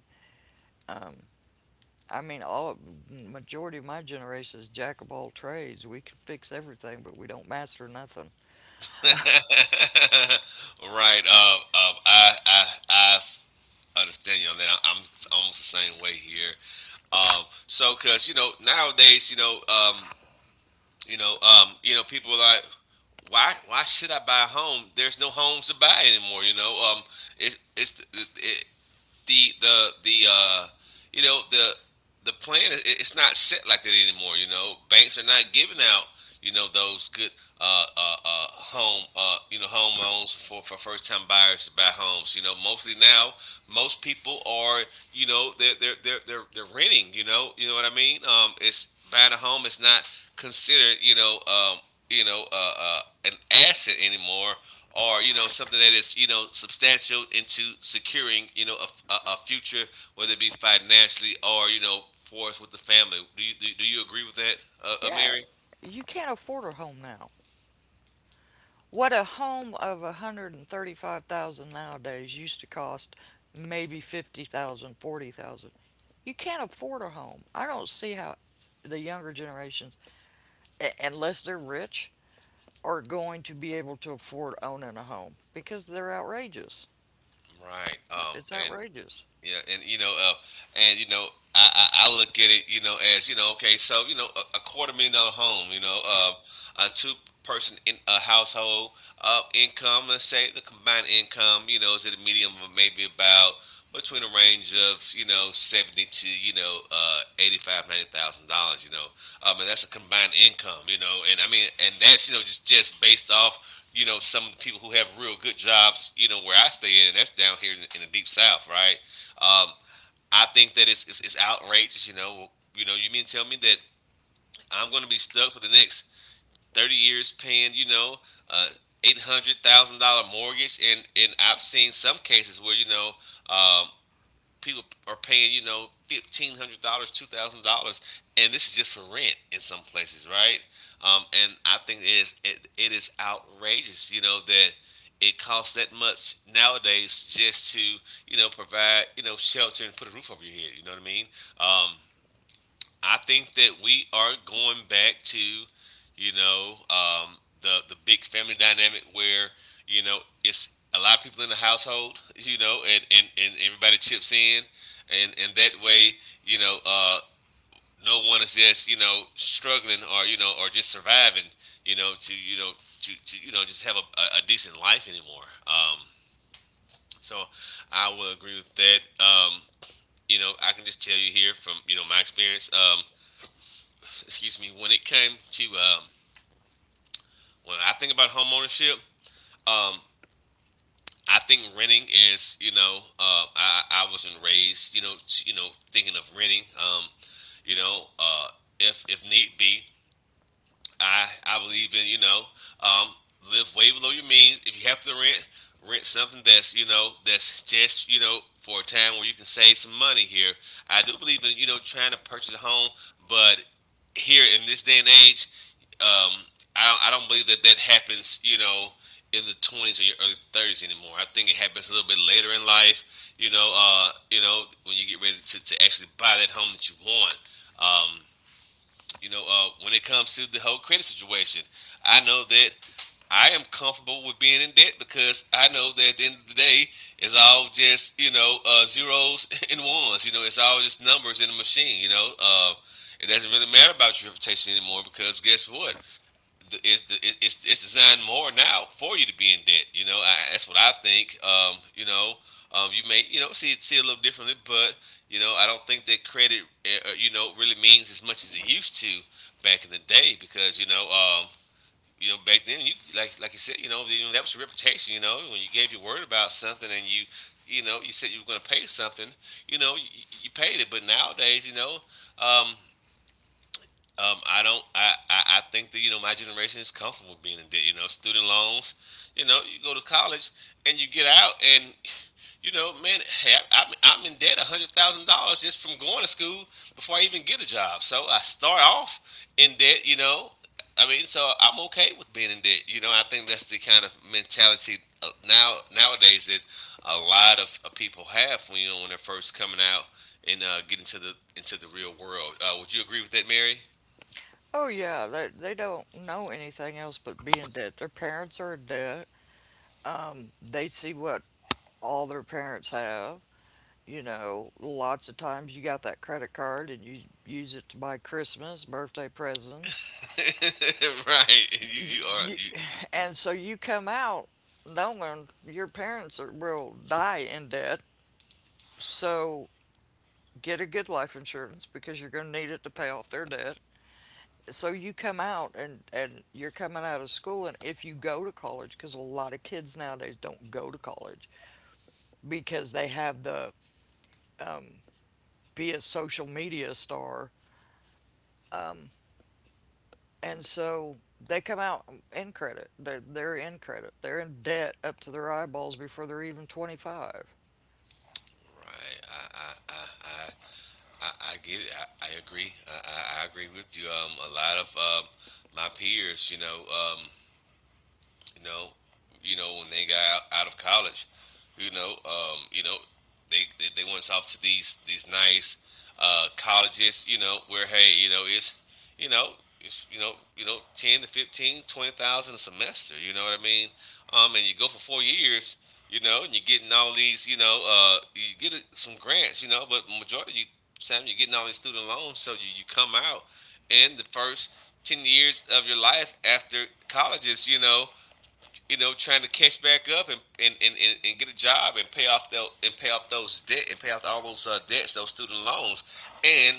B: Um, I mean, majority of my generation is jack of all trades. We can fix everything, but we don't master nothing.
A: [LAUGHS] Right. I understand you on that. I'm almost the same way here. So, cause you know nowadays, people are like, why should I buy a home? There's no homes to buy anymore. You know, it's, it's, it, the you know the plan, it's not set like that anymore. You know, banks are not giving out, you know, those good, home, home loans for, first time buyers to buy homes. You know, mostly now most people are, you know, they're renting. You know what I mean. It's Buying a home is not considered, an asset anymore, or, you know, something that is, you know, substantial into securing, you know, a future, whether it be financially or, you know, for us with the family. Do you, do, do you agree with that,
B: Yeah,
A: Mary?
B: you can't afford a home now. What a home of $135,000 nowadays used to cost maybe $50,000, $40,000. You can't afford a home. I don't see how the younger generations, unless they're rich, are going to be able to afford owning a home because they're outrageous.
A: Right.
B: It's
A: And
B: outrageous.
A: Yeah, and you know, and you know, I look at it, you know, as you know, okay, so you know, a quarter million dollar home, you know, a two person in a household, income. Let's say the combined income, you know, is at a medium of maybe about between a range of, you know, 70 to, you know, eighty five ninety thousand dollars. You know, and that's a combined income. You know, and I mean, and that's, you know, just based off. You know, some people who have real good jobs, you know, where I stay in, that's down here in the, deep south, right? Um, I think that it's, it's outrageous. You mean tell me that I'm going to be stuck for the next 30 years paying, uh, $800,000 mortgage, and I've seen some cases where um, people are paying $1,500, $2,000, and this is just for rent in some places, right? And I think it is outrageous, that it costs that much nowadays just to provide shelter and put a roof over your head. You know what I mean? Um, I think that we are going back to, you know, um, the big family dynamic where you know it's a lot of people in the household, [LAUGHS] and and everybody chips in, and that way, you know, uh, no one is just struggling or or just surviving, to to just have a decent life anymore. So I will agree with that. I can just tell you here from my experience. Excuse me, when it came to when I think about homeownership, um, I think renting is, I wasn't raised, thinking of renting, you know, uh, if need be, I believe in um, live way below your means. If you have to rent, rent something that's that's just for a time where you can save some money here. I do believe in trying to purchase a home, but here in this day and age, um, I don't believe that that happens. You know. In the 20s or your early 30s anymore. I think it happens a little bit later in life. When you get ready to actually buy that home that you want. Um, when it comes to the whole credit situation, I know that I am comfortable with being in debt because I know that at the end of the day, it's all just zeros [LAUGHS] and ones. You know, it's all just numbers in a machine. It doesn't really matter about your reputation anymore because guess what? it's it's designed more now for you to be in debt. You know, that's what I think. You may see it a little differently, but I don't think that credit really means as much as it used to back in the day, because you know. Back then, you like you said, that was your reputation. You know, when you gave your word about something and you said you were going to pay something, you paid it. But nowadays, um, I don't. I think that my generation is comfortable with being in debt. You know, student loans. You know, you go to college and you get out, and man, hey, I'm in debt $100,000 just from going to school before I even get a job. So I start off in debt. You know, I mean, so I'm okay with being in debt. You know, I think that's the kind of mentality nowadays that a lot of people have when when they're first coming out and getting to the into the real world. Would you agree with that, Mary?
B: Oh yeah, they don't know anything else but be in debt. Their parents are in debt. They see what all their parents have. You know, lots of times you got that credit card and you use it to buy Christmas, birthday presents.
A: [LAUGHS] Right. You
B: You,
A: you are
B: you, [SIGHS]
A: you
B: and so you come out knowing your parents are, will die in debt. So get a good life insurance because you're going to need it to pay off their debt. So you come out and you're coming out of school. And if you go to college, because a lot of kids nowadays don't go to college because they have the be a social media star and so they come out in credit. They're in credit. They're in debt up to their eyeballs before they're even 25.
A: right. I, I get it. I agree. I agree with you. A lot of my peers, You know, when they got of college, you know, um, you know, they went off to these nice colleges, where hey, you know, it's you know, it's you know, 10 to 15, 20,000 a semester. You know what I mean? And you go for 4 years, and you're getting all these, you some grants, but majority of you time you're getting all these student loans, so you come out in the first 10 years of your life after college is, trying to catch back up get a job and pay off those debt and pay off all those debts, those student loans, and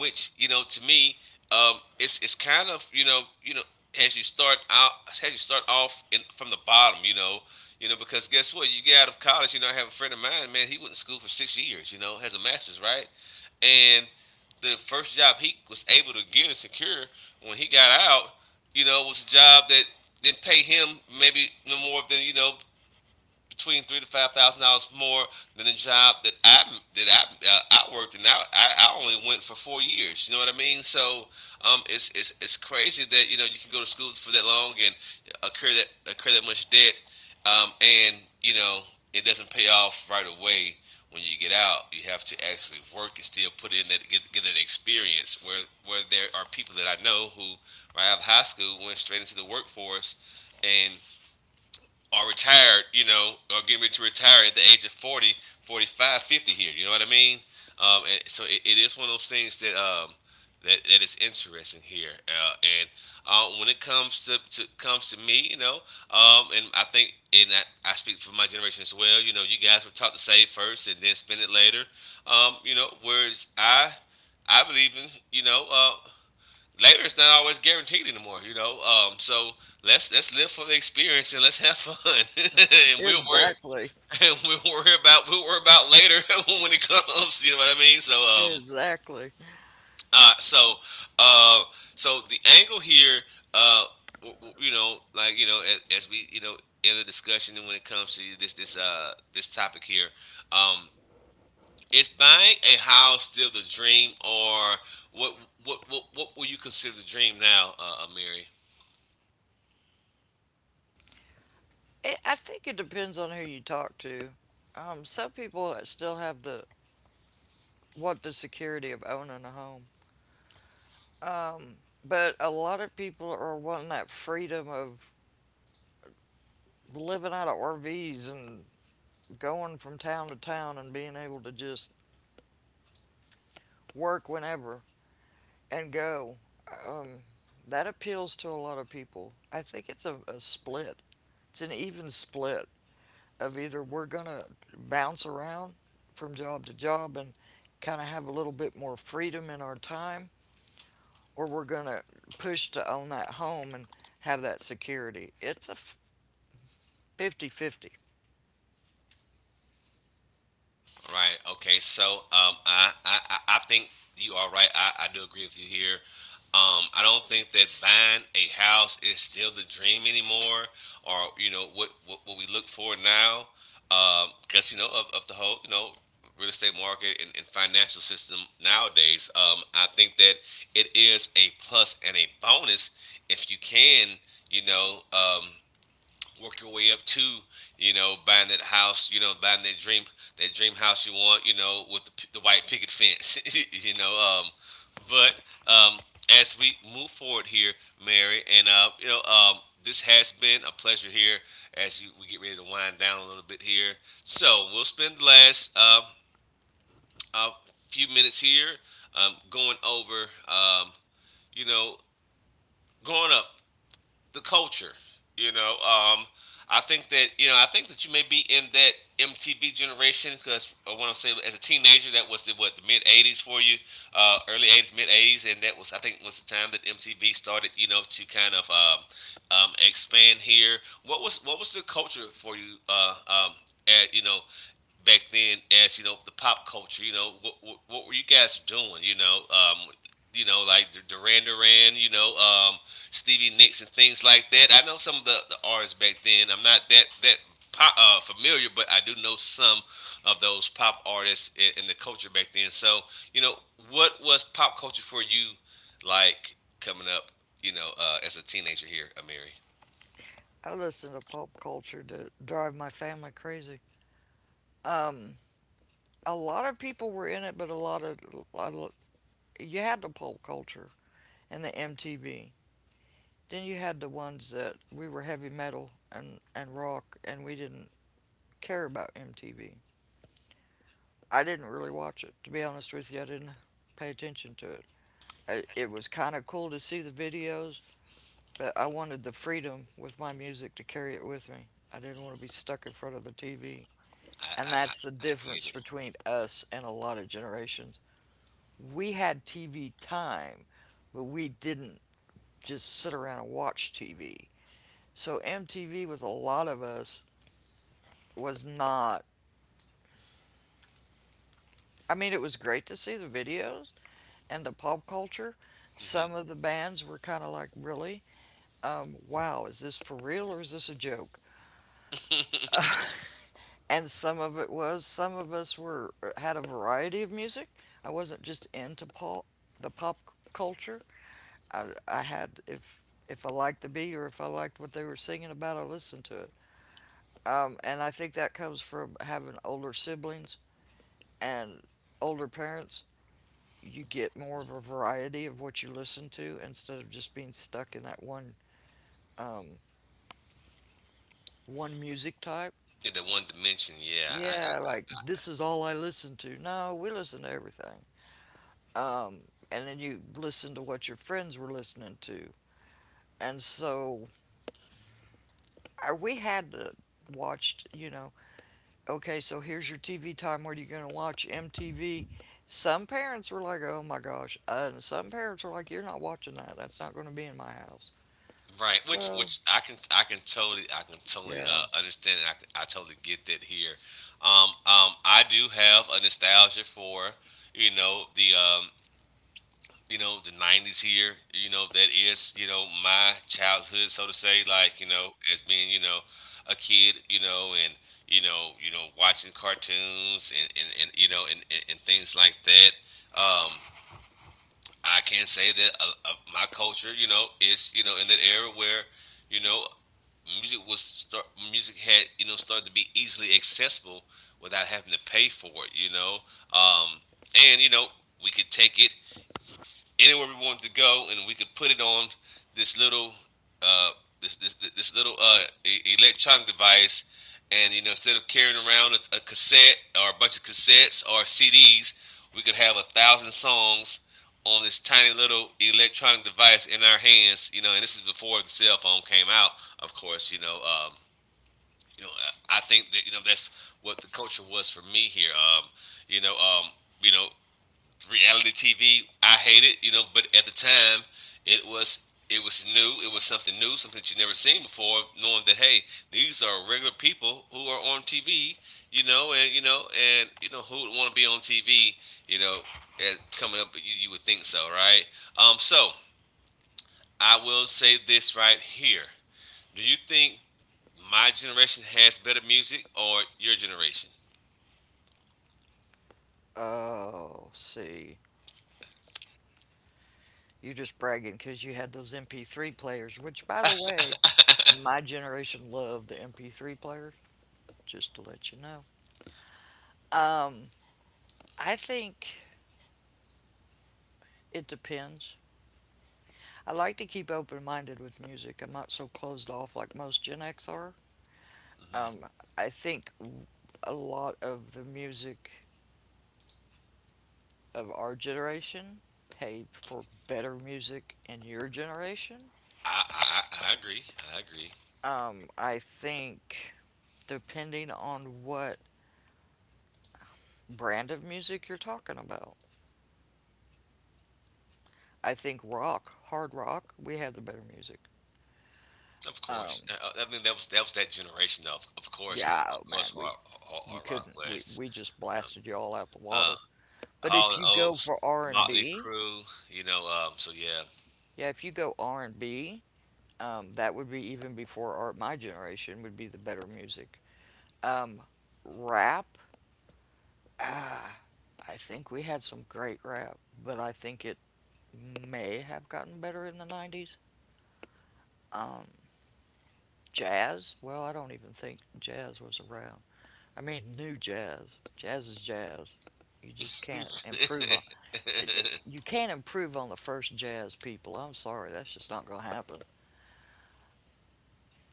A: which to me, it's kind of as you start off in, from the bottom, you know. You know, because guess what? You get out of college. You know, I have a friend of mine. Man, he went to school for 6 years. You know, has a master's, right? And the first job he was able to get and secure when he got out, was a job that didn't pay him maybe no more than between three to five thousand dollars more than a job that that I uh, I worked in. I only went for 4 years. You know what I mean? So it's it's crazy that you can go to school for that long and incur that much debt, and it doesn't pay off right away. When you get out, you have to actually work and still put in that get an experience. Where there are people that I know who right out of high school went straight into the workforce, and are retired, are getting ready to retire at the age of 40, 45, 50 here. You know what I mean? And so it is one of those things that that is interesting here. And when it comes to me, and I think, I speak for my generation as well. You know, you guys were taught to save first and then spend it later. Whereas I believe in later it's not always guaranteed anymore, you know. So let's live for the experience and let's have fun, [LAUGHS] and we'll worry
B: Exactly.
A: [LAUGHS] and we'll worry about later [LAUGHS] when it comes. You know what I mean? So
B: Exactly.
A: uh, so uh, so the angle here, uh, like as we in the discussion when it comes to this topic here, um, is buying a house still the dream or what what will you consider the dream now, Amiri?
B: I think it depends on who you talk to. Some people still have the want the security of owning a home. Um, but a lot of people are wanting that freedom of living out of RVs and going from town to town and being able to just work whenever. And go. Um, that appeals to a lot of people. I think it's a split. It's an even split of either we're gonna bounce around from job to job and kind of have a little bit more freedom in our time, or we're gonna push to own that home and have that security. It's a fifty-fifty.
A: Right. Okay. So I think you are right. I do agree with you here. I don't think that buying a house is still the dream anymore, or what we look for now, because of, the whole real estate market and financial system nowadays. I think that it is a plus and a bonus if you can you know um, work your way up to buying that house buying that dream house you want with the white picket fence. [LAUGHS] you know um but um as we move forward here, Mary, and this has been a pleasure here. As we get ready to wind down a little bit here, so we'll spend the last uh, few minutes here, um, going over um, you know going up the culture. You know, um, I think that you may be in that MTV generation because I want to say as a teenager that was the mid '80s for you, early '80s, mid '80s, and that was I think was the time that MTV started, you know, to kind of expand here. What was the culture for you, at, you know, back then as the pop culture? You know, what were you guys doing? Like Duran Duran, Stevie Nicks and things like that. I know some of the artists back then. I'm not that familiar, but I do know some of those pop artists in the culture back then. So, you know, what was pop culture for you like coming up? As a teenager here, Amiri.
B: I listen to pop culture to drive my family crazy. A lot of people were in it, but a lot of- you had the pop culture and the MTV. Then you had the ones that we were heavy metal and rock, and we didn't care about MTV. I didn't really watch it, to be honest with you. I didn't pay attention to it. It was kind of cool to see the videos, but I wanted the freedom with my music to carry it with me. I didn't want to be stuck in front of the TV.
A: I
B: And
A: I, I
B: that's the
A: I get
B: difference
A: it.
B: between us and a lot of generations. We had TV time, but we didn't just sit around and watch TV. So MTV with a lot of us was not. I mean, it was great to see the videos and the pop culture.
A: hmm
B: Some of the bands were kind of like, really? Wow, is this for real or is this a joke?
A: [LAUGHS]
B: And some of it was. Some of us were had a variety of music. I wasn't just into pop, the pop culture. I had, if I liked the beat or if I liked what they were singing about, I listened to it. And I think that comes from having older siblings and older parents. You get more of a variety of what you listen to instead of just being stuck in that um, one music type.
A: yeah, that one dimension.
B: Yeah, like this is all I listen to. No, we listen to everything. Um, and then you listen to what your friends were listening to. And so we had to watched, okay, so here's your TV time. What are you going to watch? MTV. Some parents were like, oh my gosh. And some parents were like, you're not watching that. That's not going to be in my house.
A: Right, which
B: So,
A: which I can totally
B: yeah.
A: understand. And I totally get that here. I do have a nostalgia for the the '90s here. You know that is my childhood, so to say. Like as being a kid, you know, and you know watching cartoons and and things like that. Um, I can say that my culture, you know, is in that era where you know music was start music had started to be easily accessible without having to pay for it you know um and you know We could take it anywhere we wanted to go, and we could put it on this little uh, this little electronic device, and instead of carrying around a cassette or a bunch of cassettes or CDs, we could have 1,000 songs on this tiny little electronic device in our hands. You know, and this is before the cell phone came out, of course. You know, I think that that's what the culture was for me here. You know, um, you know, reality TV. I hate it, you know, but at the time it was it was new, it was something new, something that you never seen before, knowing that hey, these are regular people who are on TV, you know who would want to be on TV, you know, as coming up you would think so, right? Um so, I will say this right here. Do you think my generation has better music or your generation?
B: Oh, see. You're just bragging because you had those MP3 players, which, by the way, my generation loved the MP3 player, just to let you know. Um, I think it depends. I like to keep open minded with music. I'm not so closed off like most Gen X are. Um, I think a lot of the music of our generation paid for better music in your generation.
A: I agree. I agree.
B: I think depending on what brand of music you're talking about, I think rock, hard rock, we had the better music.
A: Of
B: Um,
A: course. I mean that was that generation though.
B: yeah, oh man, we you
A: Hard rock
B: couldn't, we
A: was
B: we just
A: um,
B: blasted you all out the
A: uh,
B: water. But
A: Hall
B: if
A: and
B: you go
A: Oates,
B: for R and
A: Motley
B: B,
A: Crue. You know, so yeah.
B: yeah, if you go R and B, That would be even before my generation would be the better music. Um, rap, ah, I think we had some great rap, but I think it may have gotten better in the 90s. Um, jazz, well, I don't even think jazz was around. I mean, new jazz. Jazz is jazz. You just
A: [LAUGHS]
B: can't improve on.
A: Right.
B: You can't improve on the first jazz people. I'm sorry, that's just not going to happen.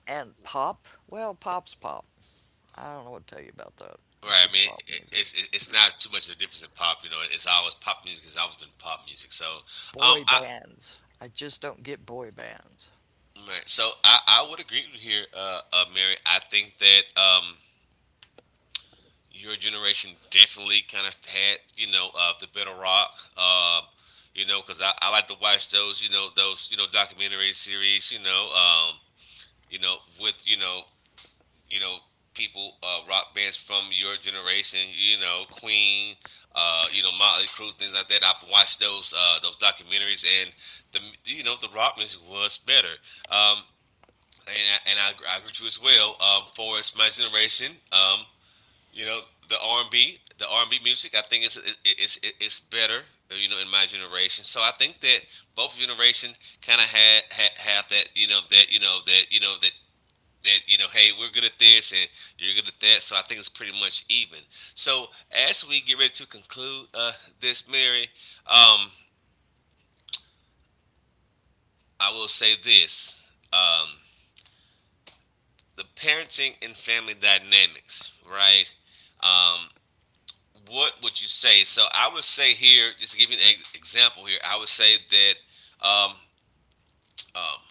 B: And pop, well, pop's pop. I don't know what to tell you about that. It's
A: I
B: just
A: mean,
B: pop music.
A: it's not too much of a difference in pop. You know, it's always pop music. It's always been pop music. So,
B: Boy
A: I
B: bands. I just don't get boy bands.
A: right. So I would agree with you here, Mary. I think that your generation definitely kind of had, you know, the better rock. Um, you know, because I like to watch those, you know, documentary series, you know, you know, with, you know, you know, people, rock bands from your generation, you know, Queen, Motley Crue, things like that. I've watched those documentaries, and the, you know, the rock music was better. Um, I agree with you as well. For us, my generation, you know, the R and B music. I think it's better. You know, in my generation. So I think that both generations kind of had, had have that. You know that you know that you know that that you know. Hey, we're good at this, and you're good at that. So I think it's pretty much even. So as we get ready to conclude this, Mary, um, I will say this. Um, the parenting and family dynamics, right? Um, what would you say? So I would say here, just to give you an example here, I would say that um, um,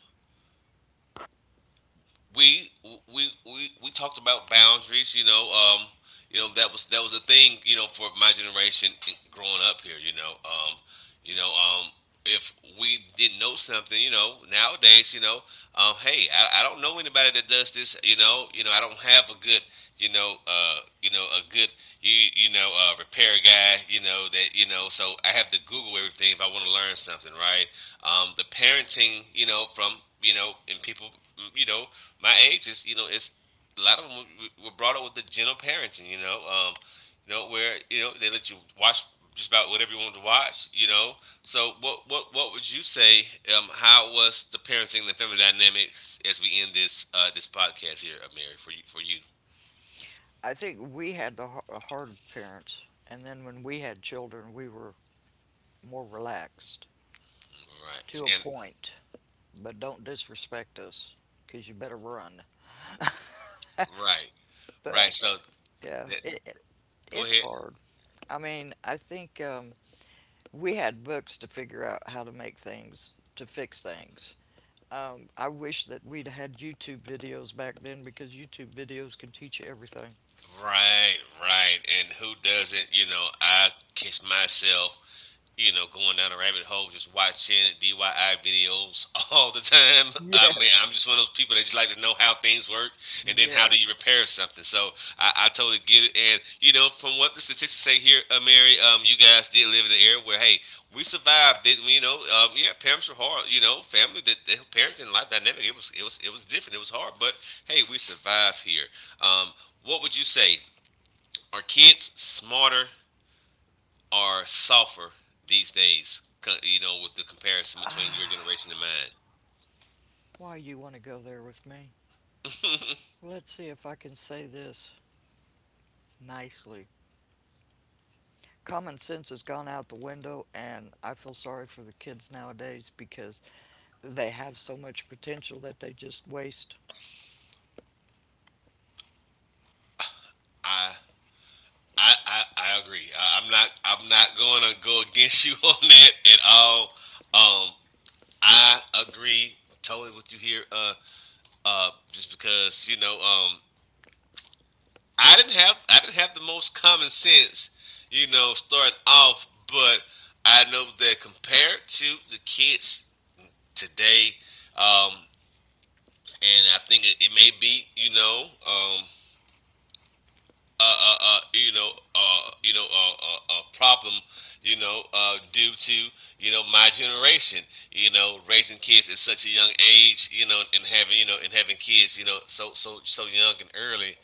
A: we we talked about boundaries. You know that was a thing. You know, for my generation growing up here. You know, um, if we didn't know something, you know, nowadays, you know, hey, I don't know anybody that does this. You know, I don't have a good, you know, uh, a good, repair guy. You know that you know, so I have to Google everything if I want to learn something, right? The parenting, you know, and people, you know, my age is it's a lot of them were brought up with the gentle parenting, you know where they let you watch just about whatever you wanted to watch, you know. So what would you say? How was the parenting and the family dynamics as we end this this podcast here, Mary, for you?
B: I think we had the hard parents, and then when we had children, we were more relaxed
A: Right.
B: to a
A: And
B: point. But don't disrespect us, 'cause you better run.
A: right,
B: But
A: right. So
B: yeah,
A: that
B: it, it
A: go
B: it's
A: ahead.
B: hard. I mean, I think we had books to figure out how to make things, to fix things. I wish that we'd had YouTube videos back then because YouTube videos can teach you everything.
A: Right, right. And who doesn't? You know, I catch myself going down a rabbit hole, just watching DIY videos [LAUGHS] all the time.
B: [LAUGHS]
A: I
B: Yeah.
A: mean, I'm just one of those people that just like to know how things work and then how do
B: Yes.
A: you repair something. So I totally get it. And, you know, from what the statistics say here, Mary, you guys did live in the area where, hey, we survived it. You know, yeah, parents were hard. You know, family, that the parenting life dynamic, it was different. It was hard, but hey, we survived here. Um, what would you say? Are kids smarter, are softer these days. You know, with the comparison between your generation and mine,
B: Why you want to go there with me? Let's see if I can say this nicely. Common sense has gone out the window, and I feel sorry for the kids nowadays because they have so much potential that they just waste.
A: I I agree. I'm not going to go against [LAUGHS] you on that at all. Um, I agree totally with you here. Just because you know, I didn't have the most common sense, you know, starting off, but I know that compared to the kids today, um, and I think it may be, you know, you know, you know, problem, you know, due to my generation, you know, raising kids at such a young age, you know, and having kids, you know, so young and early,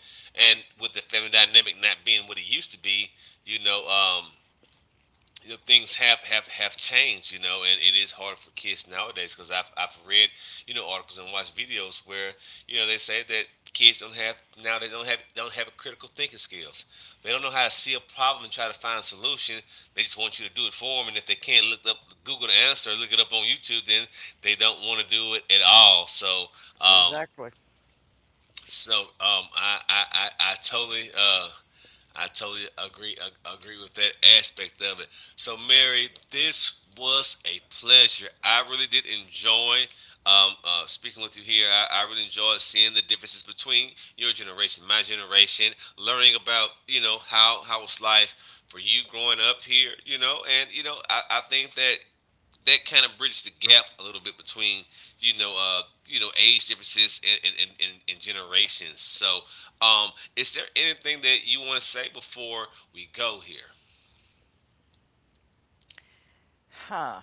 A: and with the family dynamic not being what it used to be, you know, um, you know, things have changed, you know, and it is hard for kids nowadays because I've read, you know, articles and watched videos where, you know, they say that kids don't have now they don't have critical thinking skills. They don't know how to see a problem and try to find a solution. They just want you to do it for them, and if they can't look up Google the answer, or look it up on YouTube, then they don't want to do it at all. Um,
B: Exactly.
A: so, I totally I totally agree with that aspect of it. So Mary, this was a pleasure. I really did enjoy speaking with you here. I really enjoyed seeing the differences between your generation, my generation, learning about you know how was life for you growing up here, you know, and you know I think that that kind of bridges the gap a little bit between you know age differences and generations. So um, is there anything that you want to say before we go here?
B: Huh.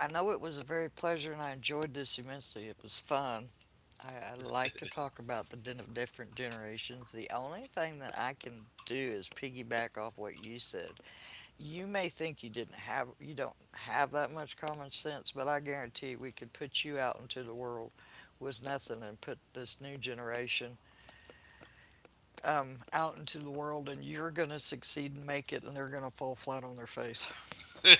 B: I know it was a very pleasure and I enjoyed this immensely. It was fun. I like to talk about the din of different generations. The only thing that I can do is piggyback off what you said. You may think you don't have that much common sense, but I guarantee we could put you out into the world with nothing and put this new generation out into the world and you're going to succeed and make it and they're going to fall flat on their face.
A: [LAUGHS] um,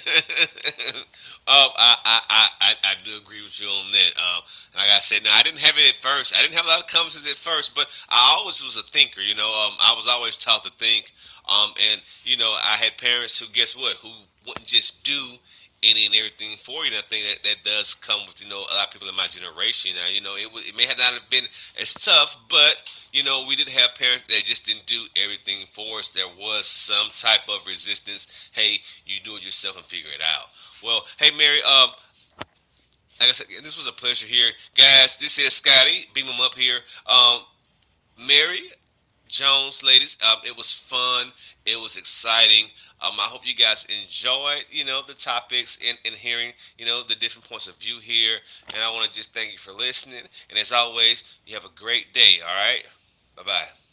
A: I, I do agree with you on that. Like I said, now I didn't have it at first. I didn't have a lot of comments at first, but I always was a thinker. You know, I was always taught to think. And you know, I had parents who, guess what, who wouldn't just do any and everything for you. And I think that, does come with you know a lot of people in my generation. Now you know it may have not have been as tough, but you know we did have parents that just didn't do everything for us. There was some type of resistance. Hey, you do it yourself and figure it out. Well, hey Mary, like I said, this was a pleasure here, guys. This is Scotty. Beam him up here, um, Mary. Jones, ladies. It was fun. It was exciting. I hope you guys enjoyed, you know, the topics and hearing, you know, the different points of view here. And I want to just thank you for listening. And as always, you have a great day. All right. Bye bye.